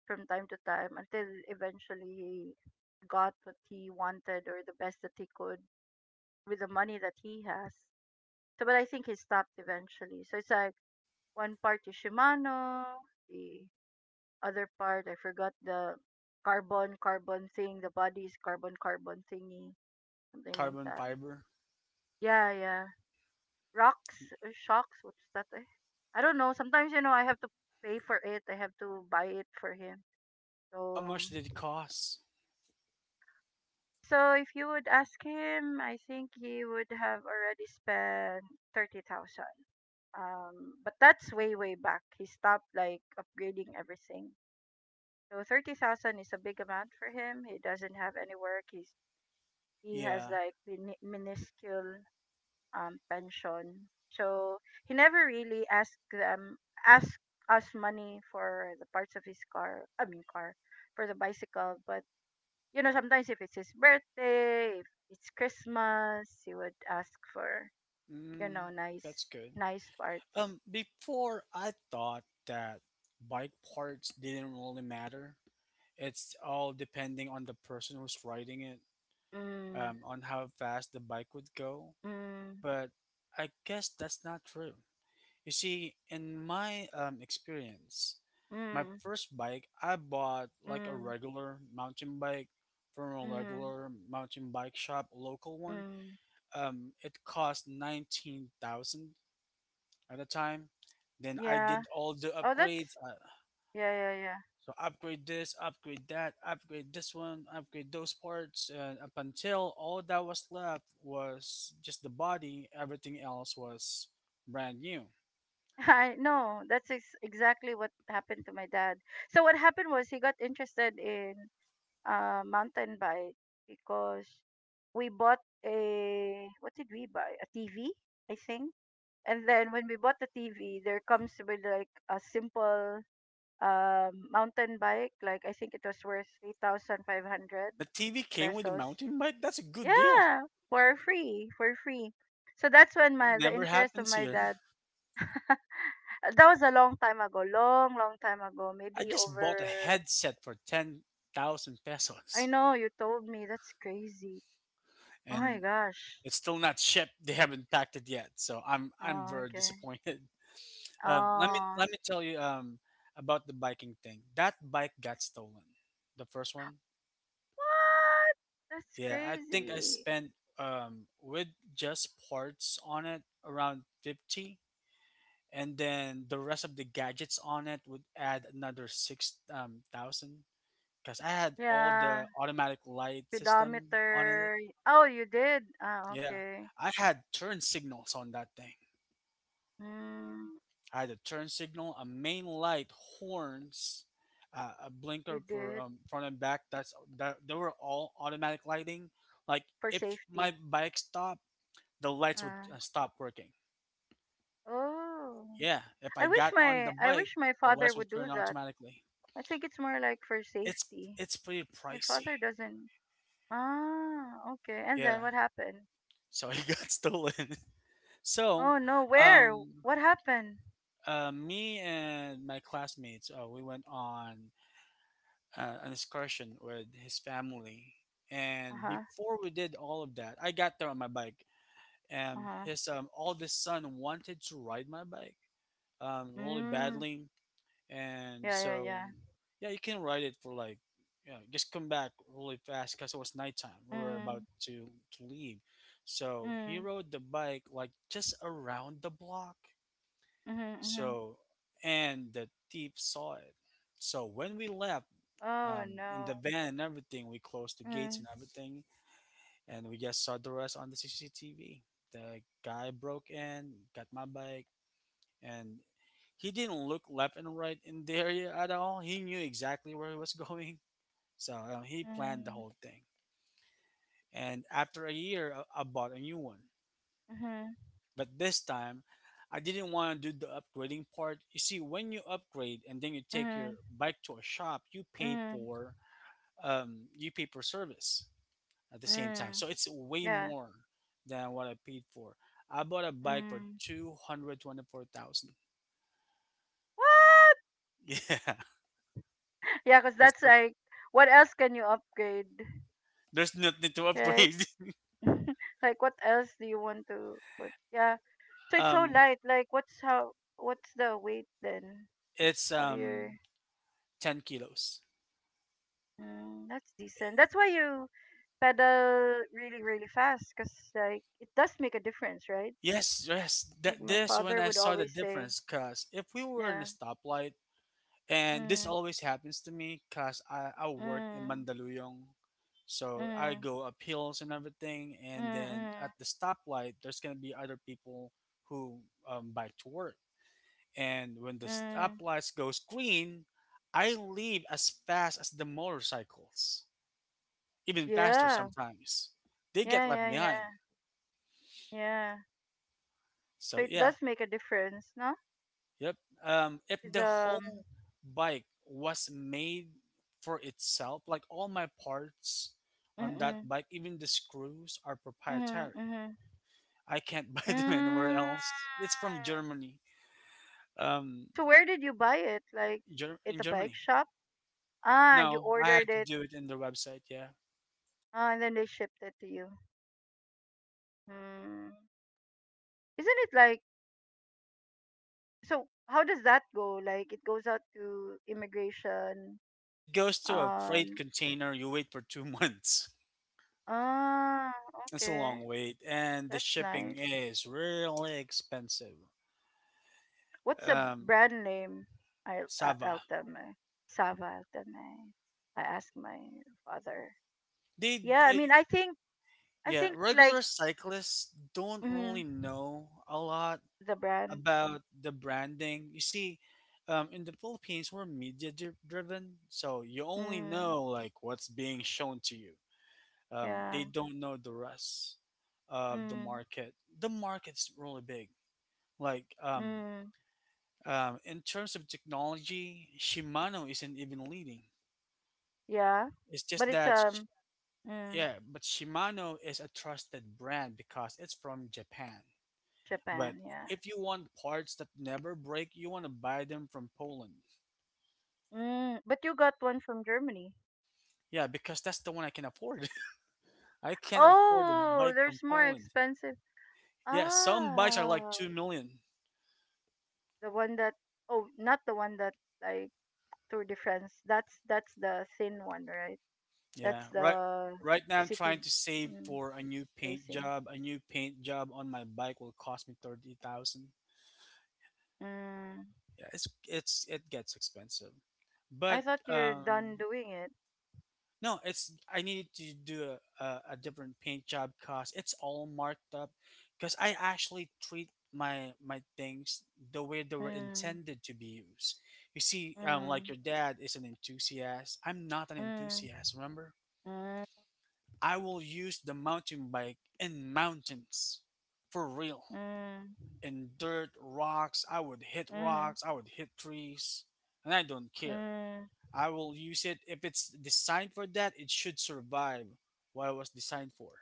S2: from time to time until eventually he got what he wanted or the best that he could with the money that he has. So, but I think he stopped eventually. So it's like one part is Shimano, the other part I forgot the carbon thing, the body's carbon thingy, something like
S1: carbon
S2: that.
S1: fiber.
S2: Yeah, yeah. Rocks, shocks. What's that? Eh? I don't know. Sometimes I have to pay for it. I have to buy it for him.
S1: How
S2: So
S1: much did it cost?
S2: If you would ask him, I think he would have already spent 30,000. But that's way, way back. He stopped like upgrading everything. So 30,000 is a big amount for him. He doesn't have any work. He's, he has
S1: Yeah.
S2: like minuscule pension. So he never really asked us money for the parts of his car, I mean car, for the bicycle, but sometimes if it's his birthday, if it's Christmas, he would ask for,
S1: Mm,
S2: nice
S1: that's good.
S2: nice parts.
S1: Before, I thought that bike parts didn't really matter. It's all depending on the person who's riding it,
S2: Mm,
S1: on how fast the bike would go.
S2: mm,
S1: But I guess that's not true. You see, in my experience, my
S2: mm,
S1: first bike, I bought like a
S2: mm,
S1: regular mountain bike from a
S2: mm,
S1: regular mountain bike shop, local one.
S2: mm.
S1: It cost 19,000 at the time. Then I
S2: Yeah.
S1: did all the
S2: Oh, that's
S1: upgrades.
S2: yeah, yeah, yeah.
S1: So, upgrade this, upgrade that, upgrade this one, upgrade those parts. And up until all that was left was just the body, everything else was brand new.
S2: I know. That's exactly what happened to my dad. So what happened was he got interested in mountain bike because we bought a, what did we buy? A TV, I think. And then when we bought the TV, there comes with like a simple mountain bike. Like I think it was worth 3,500
S1: The TV came with a
S2: pesos.
S1: mountain bike? That's a good deal.
S2: Yeah, for free, for free. So that's when
S1: It
S2: my the
S1: never
S2: interest of
S1: happens
S2: my
S1: here.
S2: dad. That was a long time ago, long long time ago.
S1: I
S2: Maybe
S1: just bought a
S2: over.
S1: headset for 10,000
S2: I
S1: pesos,
S2: know you told me that's crazy. Oh my
S1: and
S2: gosh.
S1: it's still not shipped. They haven't packed it yet. So I'm
S2: Oh
S1: very
S2: okay.
S1: disappointed. Let me
S2: Oh,
S1: let me tell you about the biking thing. That bike got stolen. The first one?
S2: what? That's
S1: Yeah, I think I
S2: crazy.
S1: spent with just parts on it around 50, and then the rest of the gadgets on it would add another six thousand because I had all
S2: Yeah.
S1: the automatic light system on it.
S2: Speedometer. Oh, you did? Ah,
S1: Yeah,
S2: okay.
S1: I had turn signals on that thing.
S2: Mm,
S1: I had a turn signal, a main light, horns, a
S2: you
S1: blinker for
S2: did.
S1: front and back. That's that. They were all automatic lighting. Like,
S2: For
S1: if
S2: safety.
S1: my bike stopped, the lights would
S2: Ah.
S1: stop working.
S2: Oh.
S1: Yeah, if
S2: I
S1: I
S2: wish
S1: got on the
S2: my I
S1: bike,
S2: wish my
S1: the
S2: father
S1: lights would
S2: would do
S1: turn
S2: that.
S1: automatically.
S2: I think it's more like for
S1: it's
S2: safety.
S1: it's pretty
S2: My
S1: pricey.
S2: father doesn't. Ah, okay. And
S1: Yeah.
S2: then what happened?
S1: So it got stolen. So,
S2: Oh no, where?
S1: um,
S2: What happened?
S1: me and my classmates, we went on an excursion with his family, and
S2: Uh-huh.
S1: before we did all of that, I got there on my bike, and
S2: Uh-huh.
S1: his oldest son wanted to ride my bike really
S2: Mm.
S1: badly, and
S2: Yeah, yeah,
S1: so,
S2: yeah.
S1: yeah, you can ride it for like, just come back really fast, because it was nighttime, we were about
S2: Mm.
S1: to leave, so he
S2: Mm.
S1: rode the bike like just around the block,
S2: Mhm, mhm.
S1: so, and the thief saw it. So when we left,
S2: Oh
S1: in
S2: no.
S1: the van and everything, we closed the gates
S2: Mm.
S1: and everything, and we just saw the rest on the CCTV. The guy broke in, got my bike, and he didn't look left and right in the area at all. He knew exactly where he was going, so he planned the
S2: Mm.
S1: whole thing. And after a year, I bought a new one.
S2: Mhm.
S1: But this time, I didn't want to do the upgrading part. You see, when you upgrade and then you take
S2: Mhm.
S1: your bike to a shop,
S2: Mhm.
S1: you pay for service at the same time.
S2: Mm.
S1: So it's way
S2: Yeah.
S1: more than what I paid for. I bought a bike for
S2: Mm.
S1: 224,000.
S2: What?
S1: Yeah,
S2: Yeah, because
S1: that's
S2: that's
S1: pro-
S2: like, what else can you upgrade,
S1: there's nothing to
S2: right?
S1: upgrade.
S2: Like, what else do you want to put? Yeah. So it's so
S1: um,
S2: light. Like, what's how? What's the weight then
S1: It's
S2: of your?
S1: um 10 kilos.
S2: Mm, that's decent. That's why you pedal really, really fast, cause like it does make a difference, right?
S1: Yes, yes.
S2: Like
S1: That
S2: my
S1: this when
S2: father
S1: I
S2: would
S1: saw the
S2: always say,
S1: difference, cause if we were in a
S2: yeah.
S1: stoplight, and this
S2: Mm.
S1: always happens to me, cause I work in
S2: Mm.
S1: Mandaluyong, so I
S2: Mm.
S1: go up hills and everything, and
S2: Mm.
S1: then
S2: Mm.
S1: at the stoplight, there's gonna be other people who bike to work, and when the
S2: Mm.
S1: stoplights goes green, I leave as fast as the motorcycles, even faster
S2: Yeah.
S1: sometimes. They
S2: Yeah.
S1: get left
S2: Yeah.
S1: behind.
S2: Yeah. Yeah. So
S1: So
S2: it
S1: yeah.
S2: does make a difference, no?
S1: Yep. If
S2: With
S1: the whole bike was made for itself, like all my parts on that
S2: mm-mm,
S1: bike, even the screws are
S2: mm-hmm,
S1: proprietary.
S2: mm-hmm.
S1: I can't buy them anywhere
S2: Mm.
S1: else. It's from Germany. Um,
S2: So where did you buy it? Like at
S1: In
S2: a bike
S1: Germany.
S2: shop? Ah, you
S1: No, I
S2: ordered
S1: had to
S2: it.
S1: do it in the website. Yeah,
S2: Ah, and then they shipped it to you. Hmm. Isn't it like so how does that go? Like it goes out to immigration.
S1: it goes to a freight
S2: Um
S1: container. You wait for two months.
S2: ah,
S1: It's a long
S2: okay.
S1: wait, and the
S2: That's
S1: shipping
S2: nice.
S1: is really expensive.
S2: What's a
S1: Um,
S2: brand name? I, I
S1: Sava.
S2: I'll tell my Sava. I'll tell my. I ask my father.
S1: They
S2: Yeah, I mean, I think I
S1: Yeah,
S2: think like
S1: regular cyclists don't really
S2: mm,
S1: know a lot
S2: the brand.
S1: about the branding. You see, in the Philippines, we're media driven, so you only
S2: Mm,
S1: know like what's being shown to you. They
S2: yeah.
S1: don't know the rest of the
S2: Mm,
S1: market. The market's really big. Like
S2: mm,
S1: in terms of technology, Shimano isn't even leading.
S2: yeah.
S1: It's
S2: But
S1: just
S2: it's
S1: that,
S2: mm,
S1: yeah, but Shimano is a trusted brand because it's from Japan. But
S2: Japan. Yeah.
S1: if you want parts that never break, you want to buy them from Poland.
S2: Mm, but you got one from Germany.
S1: Yeah, because that's the one I can afford. I can't afford a
S2: Oh,
S1: bike from
S2: there's more
S1: Poland.
S2: expensive.
S1: Yeah, some bikes are like
S2: Ah,
S1: 2 million.
S2: the one that. Oh, not the one that like Tour de France. That's the thin one, right? That's
S1: Yeah, right
S2: the
S1: right now I'm
S2: city
S1: trying to save
S2: mm,
S1: for a new paint
S2: racing.
S1: job. A new paint job on my bike will cost me 30,000.
S2: Mm.
S1: Yeah, it gets expensive.
S2: I
S1: But
S2: thought you're
S1: um
S2: done doing it.
S1: No, it's I needed to do a different paint job cause it's all marked up. Cause I actually treat my things the way they were
S2: Mm.
S1: intended to be used. You see, like
S2: Mm.
S1: your dad is an enthusiast. I'm not an
S2: Mm.
S1: enthusiast. Remember,
S2: Mm.
S1: I will use the mountain bike in mountains, for real.
S2: Mm.
S1: In dirt, rocks. I would hit
S2: Mm.
S1: rocks. I would hit trees, and I don't care.
S2: Mm.
S1: I will use it if it's designed for that. It should survive what it was designed for.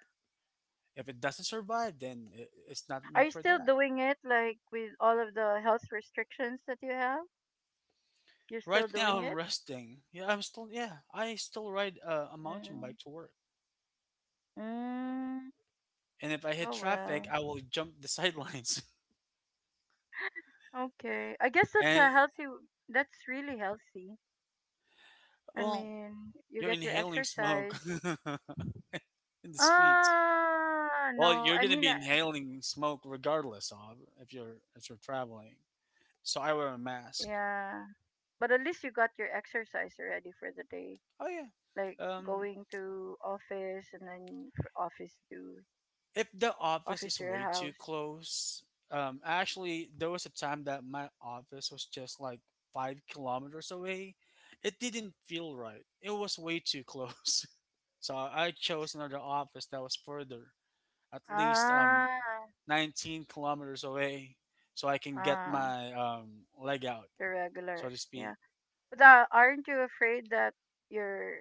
S1: If it doesn't survive, then it's not
S2: Are
S1: meant
S2: you
S1: for
S2: still
S1: that.
S2: doing it like with all of the health restrictions that you have? You're
S1: Right
S2: still
S1: now,
S2: doing
S1: I'm
S2: it?
S1: resting. Yeah, I'm still. Yeah, I still ride a mountain
S2: Mm.
S1: bike to work.
S2: Mm.
S1: And if I hit
S2: Oh
S1: traffic,
S2: well.
S1: I will jump the sidelines.
S2: Okay. I guess
S1: And
S2: that's really healthy. I
S1: well,
S2: mean, you
S1: you're
S2: get your
S1: inhaling smoke
S2: exercise.
S1: in the streets.
S2: Ah,
S1: Well,
S2: no.
S1: you're
S2: I
S1: gonna
S2: mean,
S1: be inhaling smoke regardless of if you're traveling. So I wear a mask.
S2: yeah, but at least you got your exercise already for the day.
S1: Oh yeah.
S2: Like
S1: Um,
S2: going to office and then for office to
S1: if the office
S2: office
S1: is
S2: to your
S1: way too
S2: house.
S1: close, actually, there was a time that my office was just like 5 kilometers away. It didn't feel right. It was way too close. So I chose another office that was further, at least
S2: Ah,
S1: 19 kilometers away, so I can get
S2: ah,
S1: my leg out,
S2: the
S1: so
S2: regular.
S1: to
S2: Yeah,
S1: speak.
S2: but aren't you afraid that you're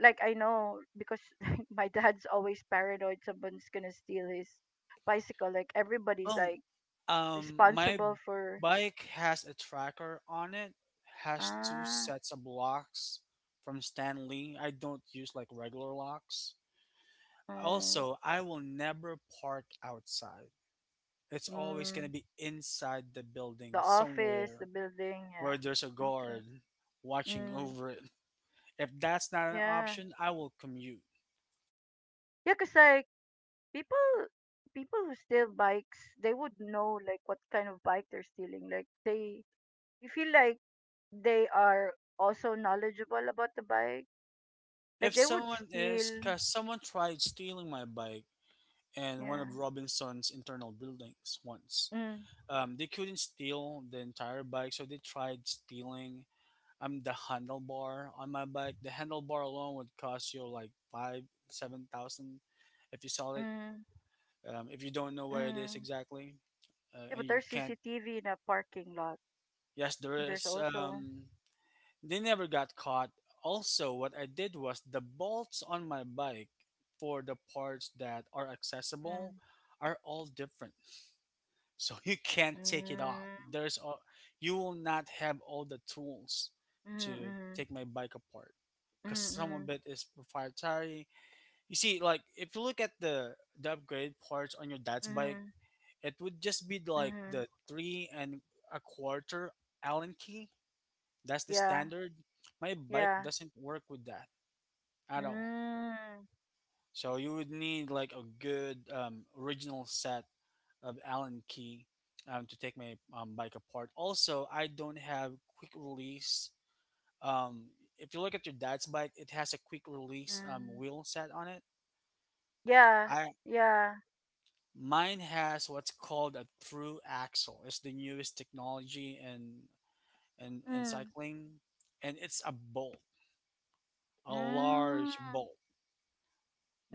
S2: like I know because my dad's always paranoid someone's gonna steal his bicycle. Like everybody's
S1: Well,
S2: like
S1: my
S2: responsible for
S1: bike has a tracker on it, has two
S2: ah,
S1: sets of locks from Stanley. I don't use like regular locks.
S2: mm,
S1: Also, I will never park outside. It's always going
S2: mm,
S1: to be inside the building
S2: the office, the
S1: somewhere
S2: building.
S1: where there's a
S2: Yeah. Okay.
S1: guard watching
S2: Mm,
S1: over it. If that's not an
S2: yeah.
S1: option, I will commute.
S2: Yeah. Cause like people people who steal bikes, they would know like what kind of bike they're stealing. Like they you feel like they are also knowledgeable about the bike. Like
S1: If
S2: they would
S1: someone is,
S2: steal
S1: because someone tried stealing my bike in one
S2: yeah.
S1: of Robinson's internal buildings once.
S2: Mm,
S1: They couldn't steal the entire bike, so they tried stealing the handlebar on my bike. The handlebar alone would cost you like five, 7,000 if you sell it.
S2: mm,
S1: If you don't know where it is
S2: mm.
S1: exactly,
S2: Yeah,
S1: and
S2: but
S1: you
S2: there's
S1: can't,
S2: CCTV in a parking lot.
S1: yes, there
S2: There's
S1: is.
S2: also
S1: They never got caught. Also, what I did was the bolts on my bike for the parts that are
S2: mm,
S1: accessible are all different. So you can't take it off
S2: mm,
S1: you will not have all the tools
S2: mm,
S1: to
S2: mm,
S1: take my bike apart because some of
S2: mm,
S1: it is proprietary. You see, like if you look at the upgrade parts on your dad's bike,
S2: mm,
S1: it would just be
S2: mm,
S1: like
S2: mm.
S1: the three and a quarter allen key. That's the
S2: Yeah,
S1: standard. My bike
S2: yeah.
S1: doesn't work with that at all.
S2: Mm,
S1: So you would need like a good original set of Allen key to take my bike apart. Also, I don't have quick release. Um, if you look at your dad's bike, it has a quick release
S2: mm.
S1: wheel set on it.
S2: Yeah,
S1: I
S2: yeah.
S1: Mine has what's called a through axle. It's the newest technology in in
S2: Mm.
S1: cycling, and it's a bolt, a
S2: Mm.
S1: large bolt,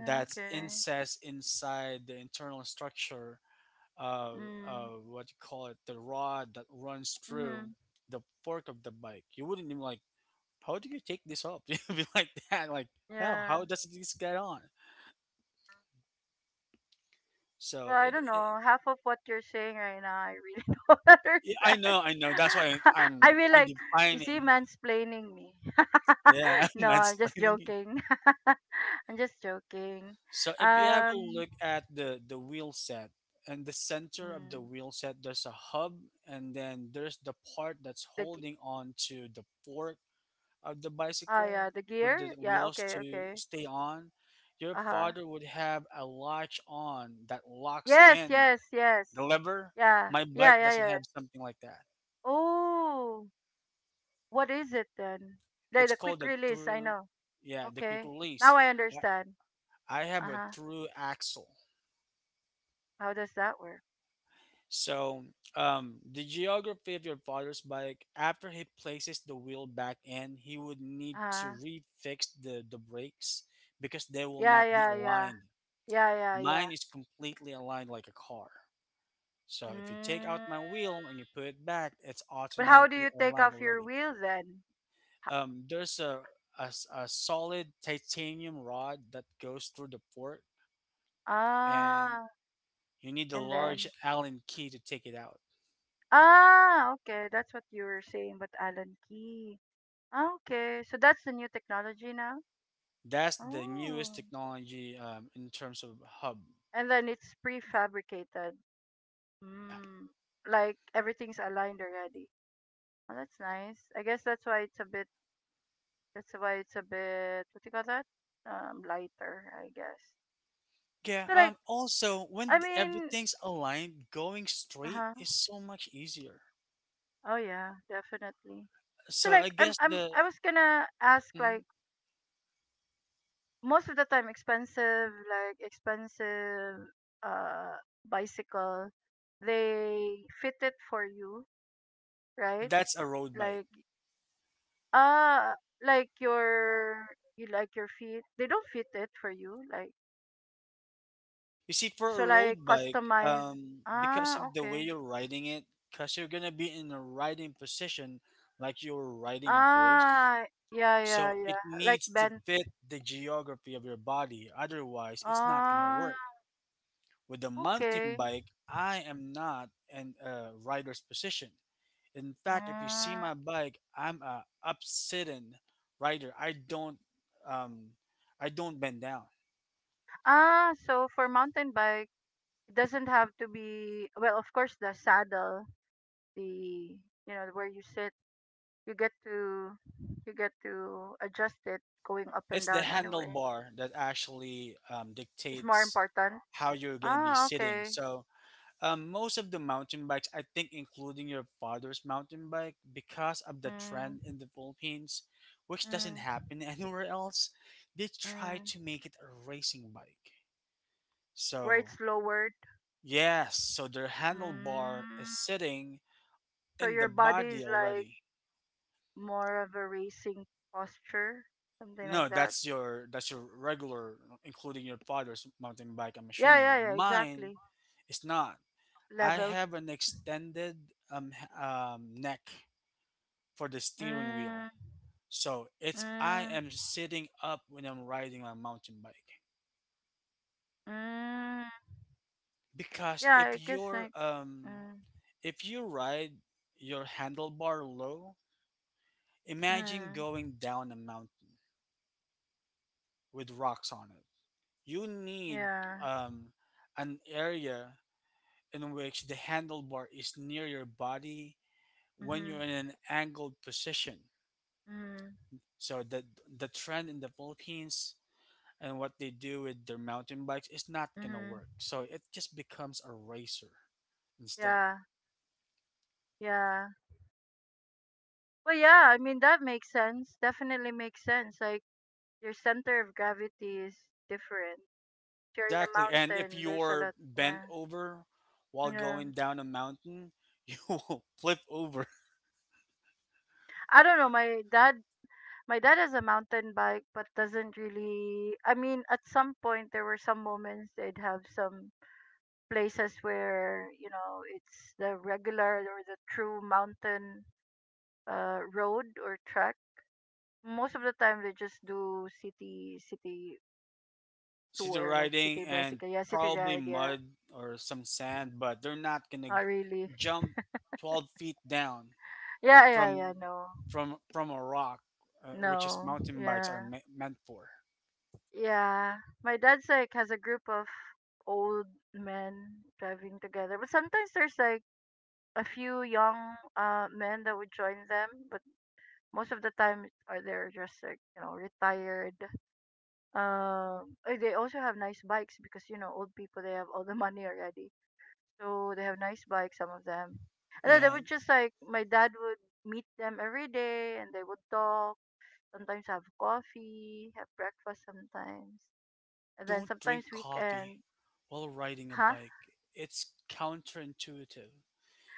S1: that's inset inside the internal structure, uh,
S2: Mm.
S1: what you call it, the rod that runs through
S2: Mhm.
S1: the fork of the bike. You wouldn't even like, how do you take this up? You'd be like that, like, how
S2: Yeah.
S1: how does this get on?
S2: Well,
S1: So
S2: I
S1: it,
S2: don't
S1: it
S2: know. Half of what you're saying right now, I really don't
S1: yeah, I
S2: understand.
S1: know, I know. That's why
S2: I
S1: I'm
S2: mean,
S1: I'm
S2: like, you see,
S1: defining,
S2: mansplaining me.
S1: yeah, I'm
S2: No, I'm just
S1: mansplaining.
S2: joking. I'm just joking.
S1: So if you have a
S2: Um,
S1: look at the wheel set and the center of
S2: mm,
S1: the wheel set, there's a hub, and then there's the part that's
S2: the
S1: holding on to the fork of the
S2: ah yeah,
S1: bicycle
S2: the
S1: for the
S2: gear. Yeah.
S1: wheels
S2: Okay.
S1: to
S2: Okay.
S1: stay on. Your
S2: Uh huh.
S1: father would have a latch on that locks
S2: Yes.
S1: in
S2: Yes.
S1: the
S2: Yes.
S1: lever.
S2: Yeah.
S1: My
S2: Yeah.
S1: bike
S2: Yeah.
S1: doesn't
S2: Yeah.
S1: have something like that.
S2: Oh. What is it then? The
S1: It's
S2: the
S1: called
S2: quick
S1: the
S2: release, I
S1: through,
S2: know.
S1: yeah, the quick
S2: Okay.
S1: release.
S2: Now I
S1: I
S2: understand.
S1: I have a
S2: Uh-huh.
S1: through axle.
S2: How does that work?
S1: So, the geography of your father's bike, after he places the wheel back in, he would need to
S2: Uh-huh.
S1: refix the brakes because they will
S2: Yeah,
S1: not be
S2: yeah, yeah.
S1: aligned.
S2: Yeah, yeah, yeah.
S1: Mine is completely aligned like a car. So if you take out
S2: Mm.
S1: my wheel and you put it back, it's
S2: But how do
S1: automatically
S2: you take
S1: aligned
S2: off your
S1: already.
S2: wheel then? H-
S1: There's a solid titanium rod that goes through the port, and
S2: Ah,
S1: you need the
S2: and
S1: large
S2: then
S1: Allen key to take it out.
S2: okay, that's what you were saying, but Alan Key. Ah, okay, so that's the new technology now.
S1: That's the newest
S2: Oh,
S1: technology in terms of hub.
S2: and then it's prefabricated.
S1: Yeah.
S2: Mm, like everything's aligned already. Oh, that's nice. I guess that's why it's a bit. What do you call that? Lighter, I guess.
S1: Yeah.
S2: So like,
S1: Also,
S2: I mean,
S1: everything's aligned, going
S2: uh
S1: straight
S2: huh.
S1: is so much easier.
S2: Oh yeah, definitely. So
S1: So
S2: like,
S1: I
S2: I'm
S1: guess
S2: I'm
S1: the.
S2: I was gonna ask
S1: Mhm.
S2: like most of the time expensive like expensive uh bicycle, they fit it for you,
S1: No,
S2: right?
S1: that's a road
S2: Like
S1: bike.
S2: uh like your you like your feet. They don't fit it for you, like.
S1: You see, for a
S2: Shall I
S1: road bike,
S2: customize?
S1: because
S2: Ah,
S1: of the way
S2: okay.
S1: you're riding it, because you're gonna be in a riding position like you're riding a horse.
S2: Ah, yeah,
S1: So
S2: yeah,
S1: it
S2: yeah. Like
S1: needs to
S2: Ben.
S1: fit the geography of your body. Otherwise, it's not gonna
S2: Ah,
S1: work. With a mountain
S2: okay.
S1: bike, I am not in a rider's position. In fact, if you see
S2: Mm.
S1: my bike, I'm a upsitting rider. Um, I don't bend down.
S2: Ah, so for mountain bike, it doesn't have to be, well, of course, the saddle, the, where you sit, you get to, you get to adjust it going up and
S1: It's the
S2: down anyway.
S1: handlebar that actually
S2: It's more
S1: dictates
S2: important.
S1: how you're going to be
S2: Ah,
S1: sitting.
S2: okay.
S1: So, most of the mountain bikes, I think, including your father's mountain bike, because of the
S2: Mm,
S1: trend in the Philippines, which doesn't
S2: mm,
S1: happen anywhere else, they try
S2: mm.
S1: to make it a racing bike.
S2: Where
S1: So,
S2: it's lowered.
S1: yes, so their handlebar is
S2: Mm.
S1: sitting
S2: So
S1: in
S2: your
S1: the
S2: body
S1: body
S2: is like
S1: already.
S2: more of a racing posture, something like
S1: No,
S2: that.
S1: that's your regular, including your father's mountain bike. I'm
S2: Yeah,
S1: assuming
S2: yeah, yeah,
S1: mine.
S2: exactly.
S1: It's not. I
S2: Leveled.
S1: have an extended neck for the steering
S2: Mm,
S1: wheel. So it's I
S2: mm,
S1: am sitting up when I'm riding my mountain bike.
S2: mm.
S1: Because
S2: Yeah, I guess like. Mm,
S1: if you ride your handlebar low, imagine
S2: mm,
S1: going down a mountain with rocks on it. You need
S2: yeah.
S1: um an area in which the handlebar is near your body when you're
S2: Mhm.
S1: in an angled position.
S2: Mhm.
S1: So the trend in the Philippines and what they do with their mountain bikes is not gonna
S2: Mhm.
S1: work. So it just becomes a racer instead.
S2: Yeah. Yeah. Well, yeah. I mean, that makes sense. Definitely makes sense. Like your center of gravity is different. If you're in a
S1: Exactly. And if
S2: mountain, there's a
S1: you're
S2: lot.
S1: bent
S2: Yeah.
S1: over while
S2: Yeah.
S1: going down a mountain, you will flip over.
S2: I don't know. My dad has a mountain bike, but doesn't really. I mean, at some point there were some moments they'd have some places where it's the regular or the true mountain road or track. Most of the time they just do city
S1: City
S2: tour, like
S1: riding
S2: city
S1: and
S2: bicycle, yeah, city
S1: probably
S2: ride, yeah.
S1: mud or some sand, but they're not gonna
S2: Not really.
S1: jump 12 feet down
S2: Yeah,
S1: from
S2: yeah, yeah. No,
S1: from a rock, which is
S2: no,
S1: mountain bikes are
S2: yeah,
S1: meant for.
S2: yeah. My dad's like has a group of old men driving together, but sometimes there's like a few young men that would join them, but most of the time are they're just like retired. They also have nice bikes because old people they have all the money already, so they have nice bikes. Some of them, and then they
S1: Yeah,
S2: would just like my dad would meet them every day, and they would talk. Sometimes have coffee, have breakfast sometimes, and then
S1: don't drink
S2: sometimes
S1: coffee
S2: weekend.
S1: while riding a
S2: Huh?
S1: bike. It's counterintuitive.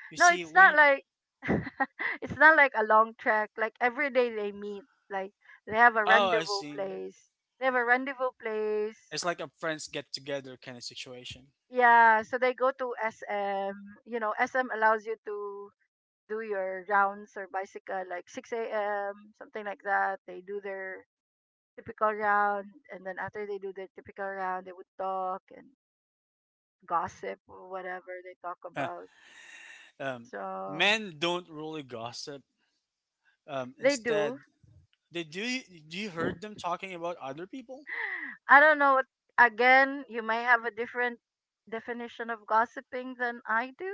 S1: You
S2: No,
S1: see,
S2: it's
S1: when
S2: not
S1: you,
S2: like it's not like a long trek. Like every day they meet. Like they have a
S1: oh, I
S2: rendezvous
S1: see.
S2: place. They have a rendezvous place.
S1: It's like a friends get together kind of situation.
S2: Yeah, so they go to SM. You know, SM allows you to do your rounds or bicycle like 6 a.m. something like that. They do their typical round, and then after they do their typical round, they would talk and gossip or whatever they talk about.
S1: Um,
S2: So
S1: Men don't really gossip.
S2: they do.
S1: Instead, they do. Do you heard them talking about other people?
S2: I don't know what again, you may have a different definition of gossiping than I do.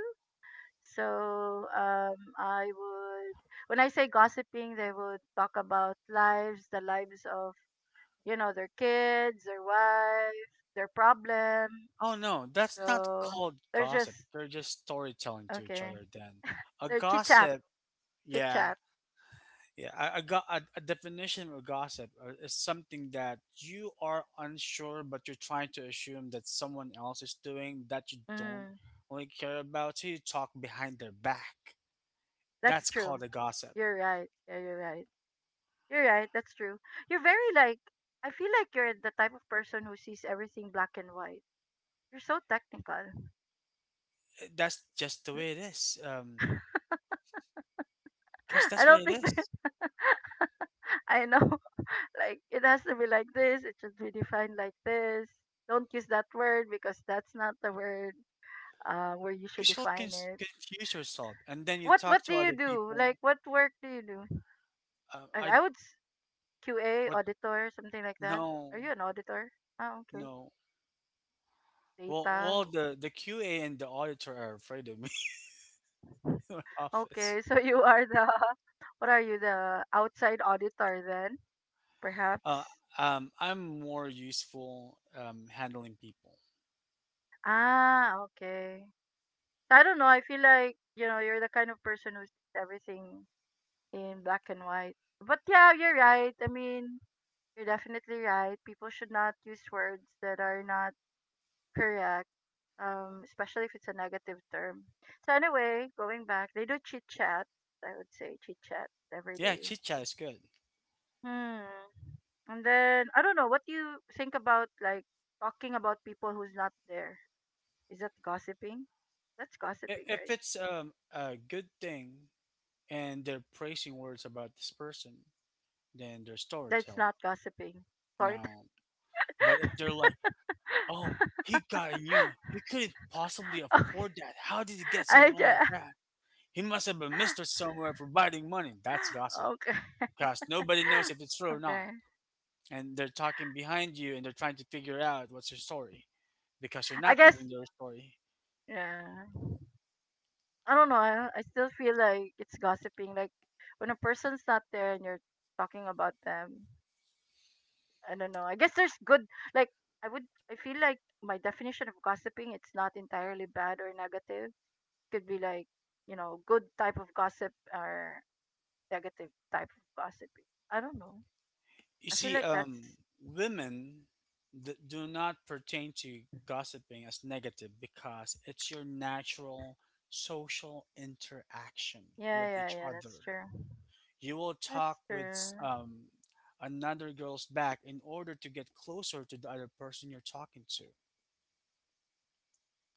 S2: So I would when I say gossiping they would talk about lives, the lives of, their kids, their wife, their problem.
S1: Oh no, that's not
S2: So
S1: called
S2: they're
S1: gossip.
S2: just
S1: They're just storytelling to each
S2: okay.
S1: other. Then a
S2: They're chit chat.
S1: gossip,
S2: Chit
S1: yeah.
S2: chat.
S1: Yeah, I got a definition of gossip, is something that you are unsure, but you're trying to assume that someone else is doing, that you don't
S2: Mm,
S1: really care about. So you talk behind their back.
S2: that's
S1: That's
S2: true.
S1: called a gossip.
S2: You're right. Yeah, you're right. You're right, that's true. You're very like I feel like you're the type of person who sees everything black and white. You're so technical.
S1: That's just the way it is. Cause
S2: I
S1: that's what
S2: don't
S1: it
S2: think that.
S1: is.
S2: I know. Like it has to be like this, it should be defined like this. Don't use that word because that's not the word where you should
S1: Cause you'll
S2: define it.
S1: confuse yourself, and then you
S2: What
S1: talk
S2: what do
S1: to
S2: you
S1: other
S2: do? Like
S1: people.
S2: what work do you do? Like
S1: I
S2: I would s- QA
S1: what?
S2: auditor, something like that. Are
S1: No,
S2: you an auditor? Oh, okay.
S1: no. Well,
S2: Data.
S1: well, the QA and the auditor are afraid of me in my office.
S2: Okay, so you are the what are you, the outside auditor then?
S1: Uh,
S2: Perhaps.
S1: I'm more useful handling people.
S2: Ah, okay. I don't know. I feel like, you know, you're the kind of person who sees everything in black and white. But yeah, you're right. I mean, you're definitely right. People should not use words that are not correct, especially if it's a negative term. So anyway, going back, they do chit chat. I would say chit chat every
S1: Yeah,
S2: day.
S1: chit chat is good.
S2: Hmm. And then I don't know what do you think about like talking about people who's not there. Is that gossiping? That's gossiping,
S1: If
S2: right?
S1: it's a good thing and they're praising words about this person, then they're
S2: That's
S1: storytelling.
S2: not gossiping. Sort.
S1: Now, but if they're like, "Oh, he got a new, he couldn't possibly
S2: okay.
S1: afford that. How did he get
S2: I
S1: something like
S2: ju-
S1: that? He must have been Mister Somewhere providing money." That's gossip,
S2: okay.
S1: because nobody knows if it's true or not,
S2: Okay.
S1: and they're talking behind you and they're trying to figure out what's your story, because you're
S2: I
S1: not
S2: guess
S1: giving their story.
S2: yeah. I don't know. I still feel like it's gossiping. Like when a person's not there and you're talking about them, I don't know. I guess there's good like I would I feel like my definition of gossiping it's not entirely bad or negative. Could be like, you know, good type of gossip or negative type of gossiping. I don't know.
S1: You
S2: I feel
S1: see,
S2: like that's
S1: women do not pertain to gossiping as negative because it's your natural social interaction
S2: yeah,
S1: with
S2: yeah,
S1: each
S2: yeah, that's
S1: other.
S2: true.
S1: You will
S2: That's
S1: talk with
S2: true.
S1: um, another girl's back in order to get closer to the other person you're talking to.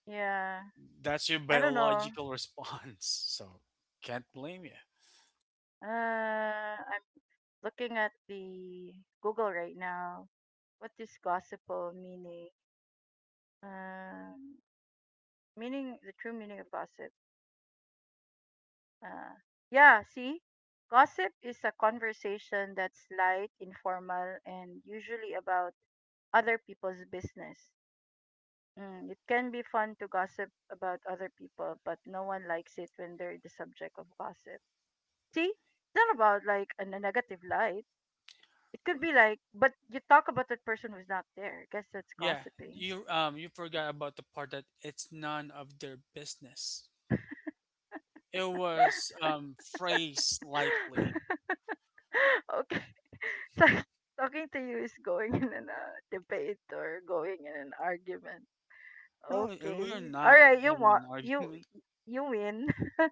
S2: Yeah.
S1: That's your
S2: I don't know.
S1: biological response. So can't blame you.
S2: I'm looking at the Google right now. What is gossipal meaning? Um meaning the true meaning of gossip. Uh, yeah, see? Gossip is a conversation that's light, informal, and usually about other people's business. Mm, it can be fun to gossip about other people, but no one likes it when they're the subject of gossip. See? It's not about like an- a n- negative light. It could be like, but you talk about that person who's not there. I guess that's
S1: Yeah,
S2: gossiping.
S1: you you forgot about the part that it's none of their business. It was phrased lightly.
S2: okay. It's like talking to you is going in an debate or going in an argument.
S1: No,
S2: Okay.
S1: we're
S2: All
S1: not
S2: right, you
S1: having
S2: want
S1: an
S2: you
S1: argument.
S2: you win.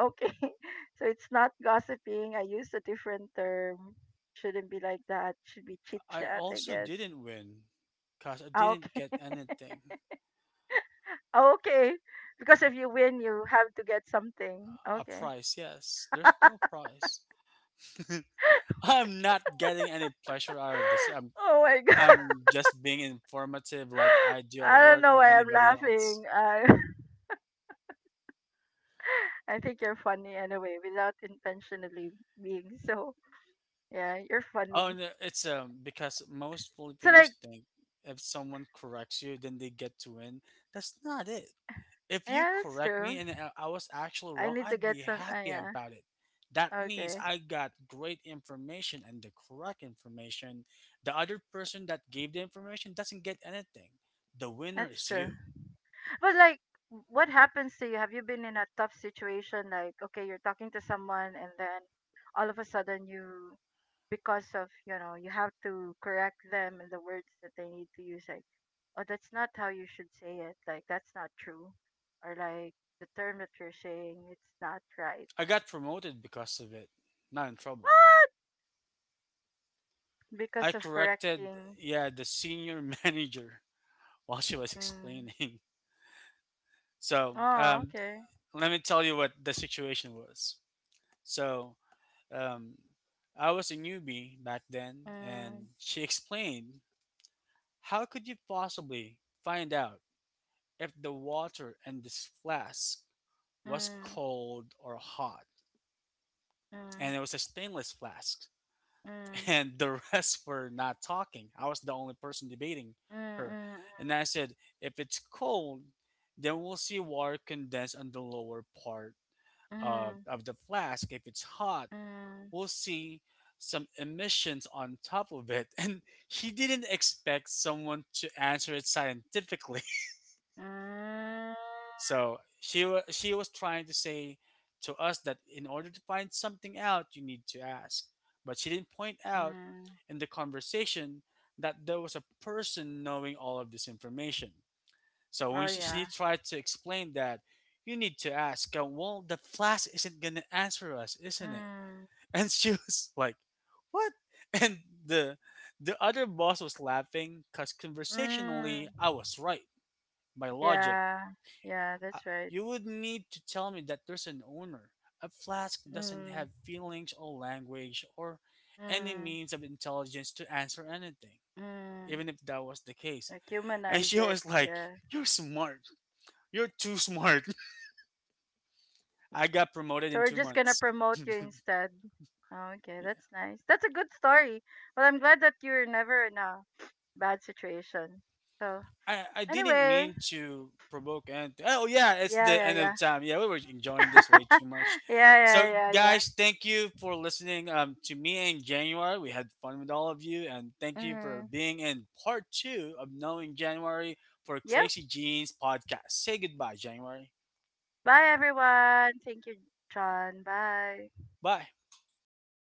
S2: Okay. So it's not gossiping. I used a different term. Shouldn't be like that. Should be chit
S1: I
S2: chat, I
S1: also
S2: guess.
S1: didn't win because I
S2: Ah, okay.
S1: didn't get anything.
S2: Okay. Because if you win, you have to get something.
S1: A
S2: Okay.
S1: prize, yes. There's no prize. I'm not getting any pleasure out of this. I'm,
S2: Oh my god.
S1: I'm just being informative like I do at
S2: I don't
S1: work
S2: know
S1: or
S2: why I'm
S1: anybody else.
S2: laughing. I I think you're funny anyway, without intentionally being so. Yeah, you're
S1: Oh,
S2: funny.
S1: no, it's because most
S2: So
S1: Filipinos
S2: like,
S1: think if someone corrects you, then they get to win. That's not it. If you
S2: yeah, that's
S1: correct
S2: true.
S1: me and I was actually
S2: I
S1: wrong,
S2: need to
S1: I'd
S2: get
S1: be
S2: some.
S1: happy
S2: Yeah.
S1: about it. That means
S2: Okay,
S1: I got great information and the correct information. The other person that gave the information doesn't get anything. The winner
S2: that's
S1: is
S2: true.
S1: you.
S2: But like, what happens to you? Have you been in a tough situation? Like, okay, you're talking to someone, and then all of a sudden you, because of you know, you have to correct them in the words that they need to use. Like, oh, that's not how you should say it. Like, that's not true, or like the term that you're saying, it's not right.
S1: I got promoted because of it. Not in trouble.
S2: What?
S1: I
S2: Because of
S1: corrected,
S2: correcting.
S1: yeah, the senior manager while she was
S2: Mm.
S1: explaining. So
S2: Oh, okay.
S1: let me tell you what the situation was. So, um, I was a newbie back then,
S2: Mm,
S1: and she explained, how could you possibly find out if the water in this flask was
S2: mm,
S1: cold or hot?
S2: mm, mm,
S1: And it was a stainless flask,
S2: mm,
S1: and the rest were not talking. I was the only person debating
S2: mm,
S1: her.
S2: mm.
S1: And I said, if it's cold, then we'll see water condense on the lower part
S2: Mm,
S1: of the flask. If it's hot,
S2: mm,
S1: we'll see some emissions on top of it. And he didn't expect someone to answer it scientifically.
S2: mm,
S1: So she was trying to say to us that in order to find something out, you need to ask. But she didn't point out
S2: mm.
S1: in the conversation that there was a person knowing all of this information. So when
S2: Oh
S1: she
S2: yeah.
S1: tried to explain that, you need to ask, well, the flask isn't going to answer us, isn't it?
S2: Mm,
S1: And she was like, what? And the the other boss was laughing because
S2: mm.
S1: conversationally I was right, by logic.
S2: Yeah, yeah,
S1: I,
S2: that's right.
S1: you would need to tell me that there's an owner. A flask doesn't
S2: Mm,
S1: have feelings or language or any
S2: mm,
S1: means of intelligence to answer anything,
S2: mm.
S1: even if that was the case.
S2: Like
S1: And
S2: humanize
S1: she
S2: it.
S1: was like,
S2: Yeah.
S1: you're smart, you're too smart. I got promoted
S2: So
S1: in
S2: we're
S1: two
S2: just gonna
S1: months
S2: promote you instead. Oh, okay, that's nice. That's a good story. Well, I'm glad that you're never in a bad situation. So
S1: I didn't
S2: anyway,
S1: mean to provoke anything. Oh yeah, it's
S2: yeah,
S1: the
S2: yeah,
S1: end
S2: yeah,
S1: of time. Yeah, we were enjoying this way too much.
S2: yeah, yeah,
S1: So
S2: yeah, yeah.
S1: guys, thank you for listening to me in January. We had fun with all of you, and thank you for
S2: Mm-hmm.
S1: being in part 2 of Knowing January for
S2: Yep.
S1: Crazy Jeans podcast. Say goodbye, January.
S2: Bye, everyone. Thank you, John. Bye.
S1: Bye.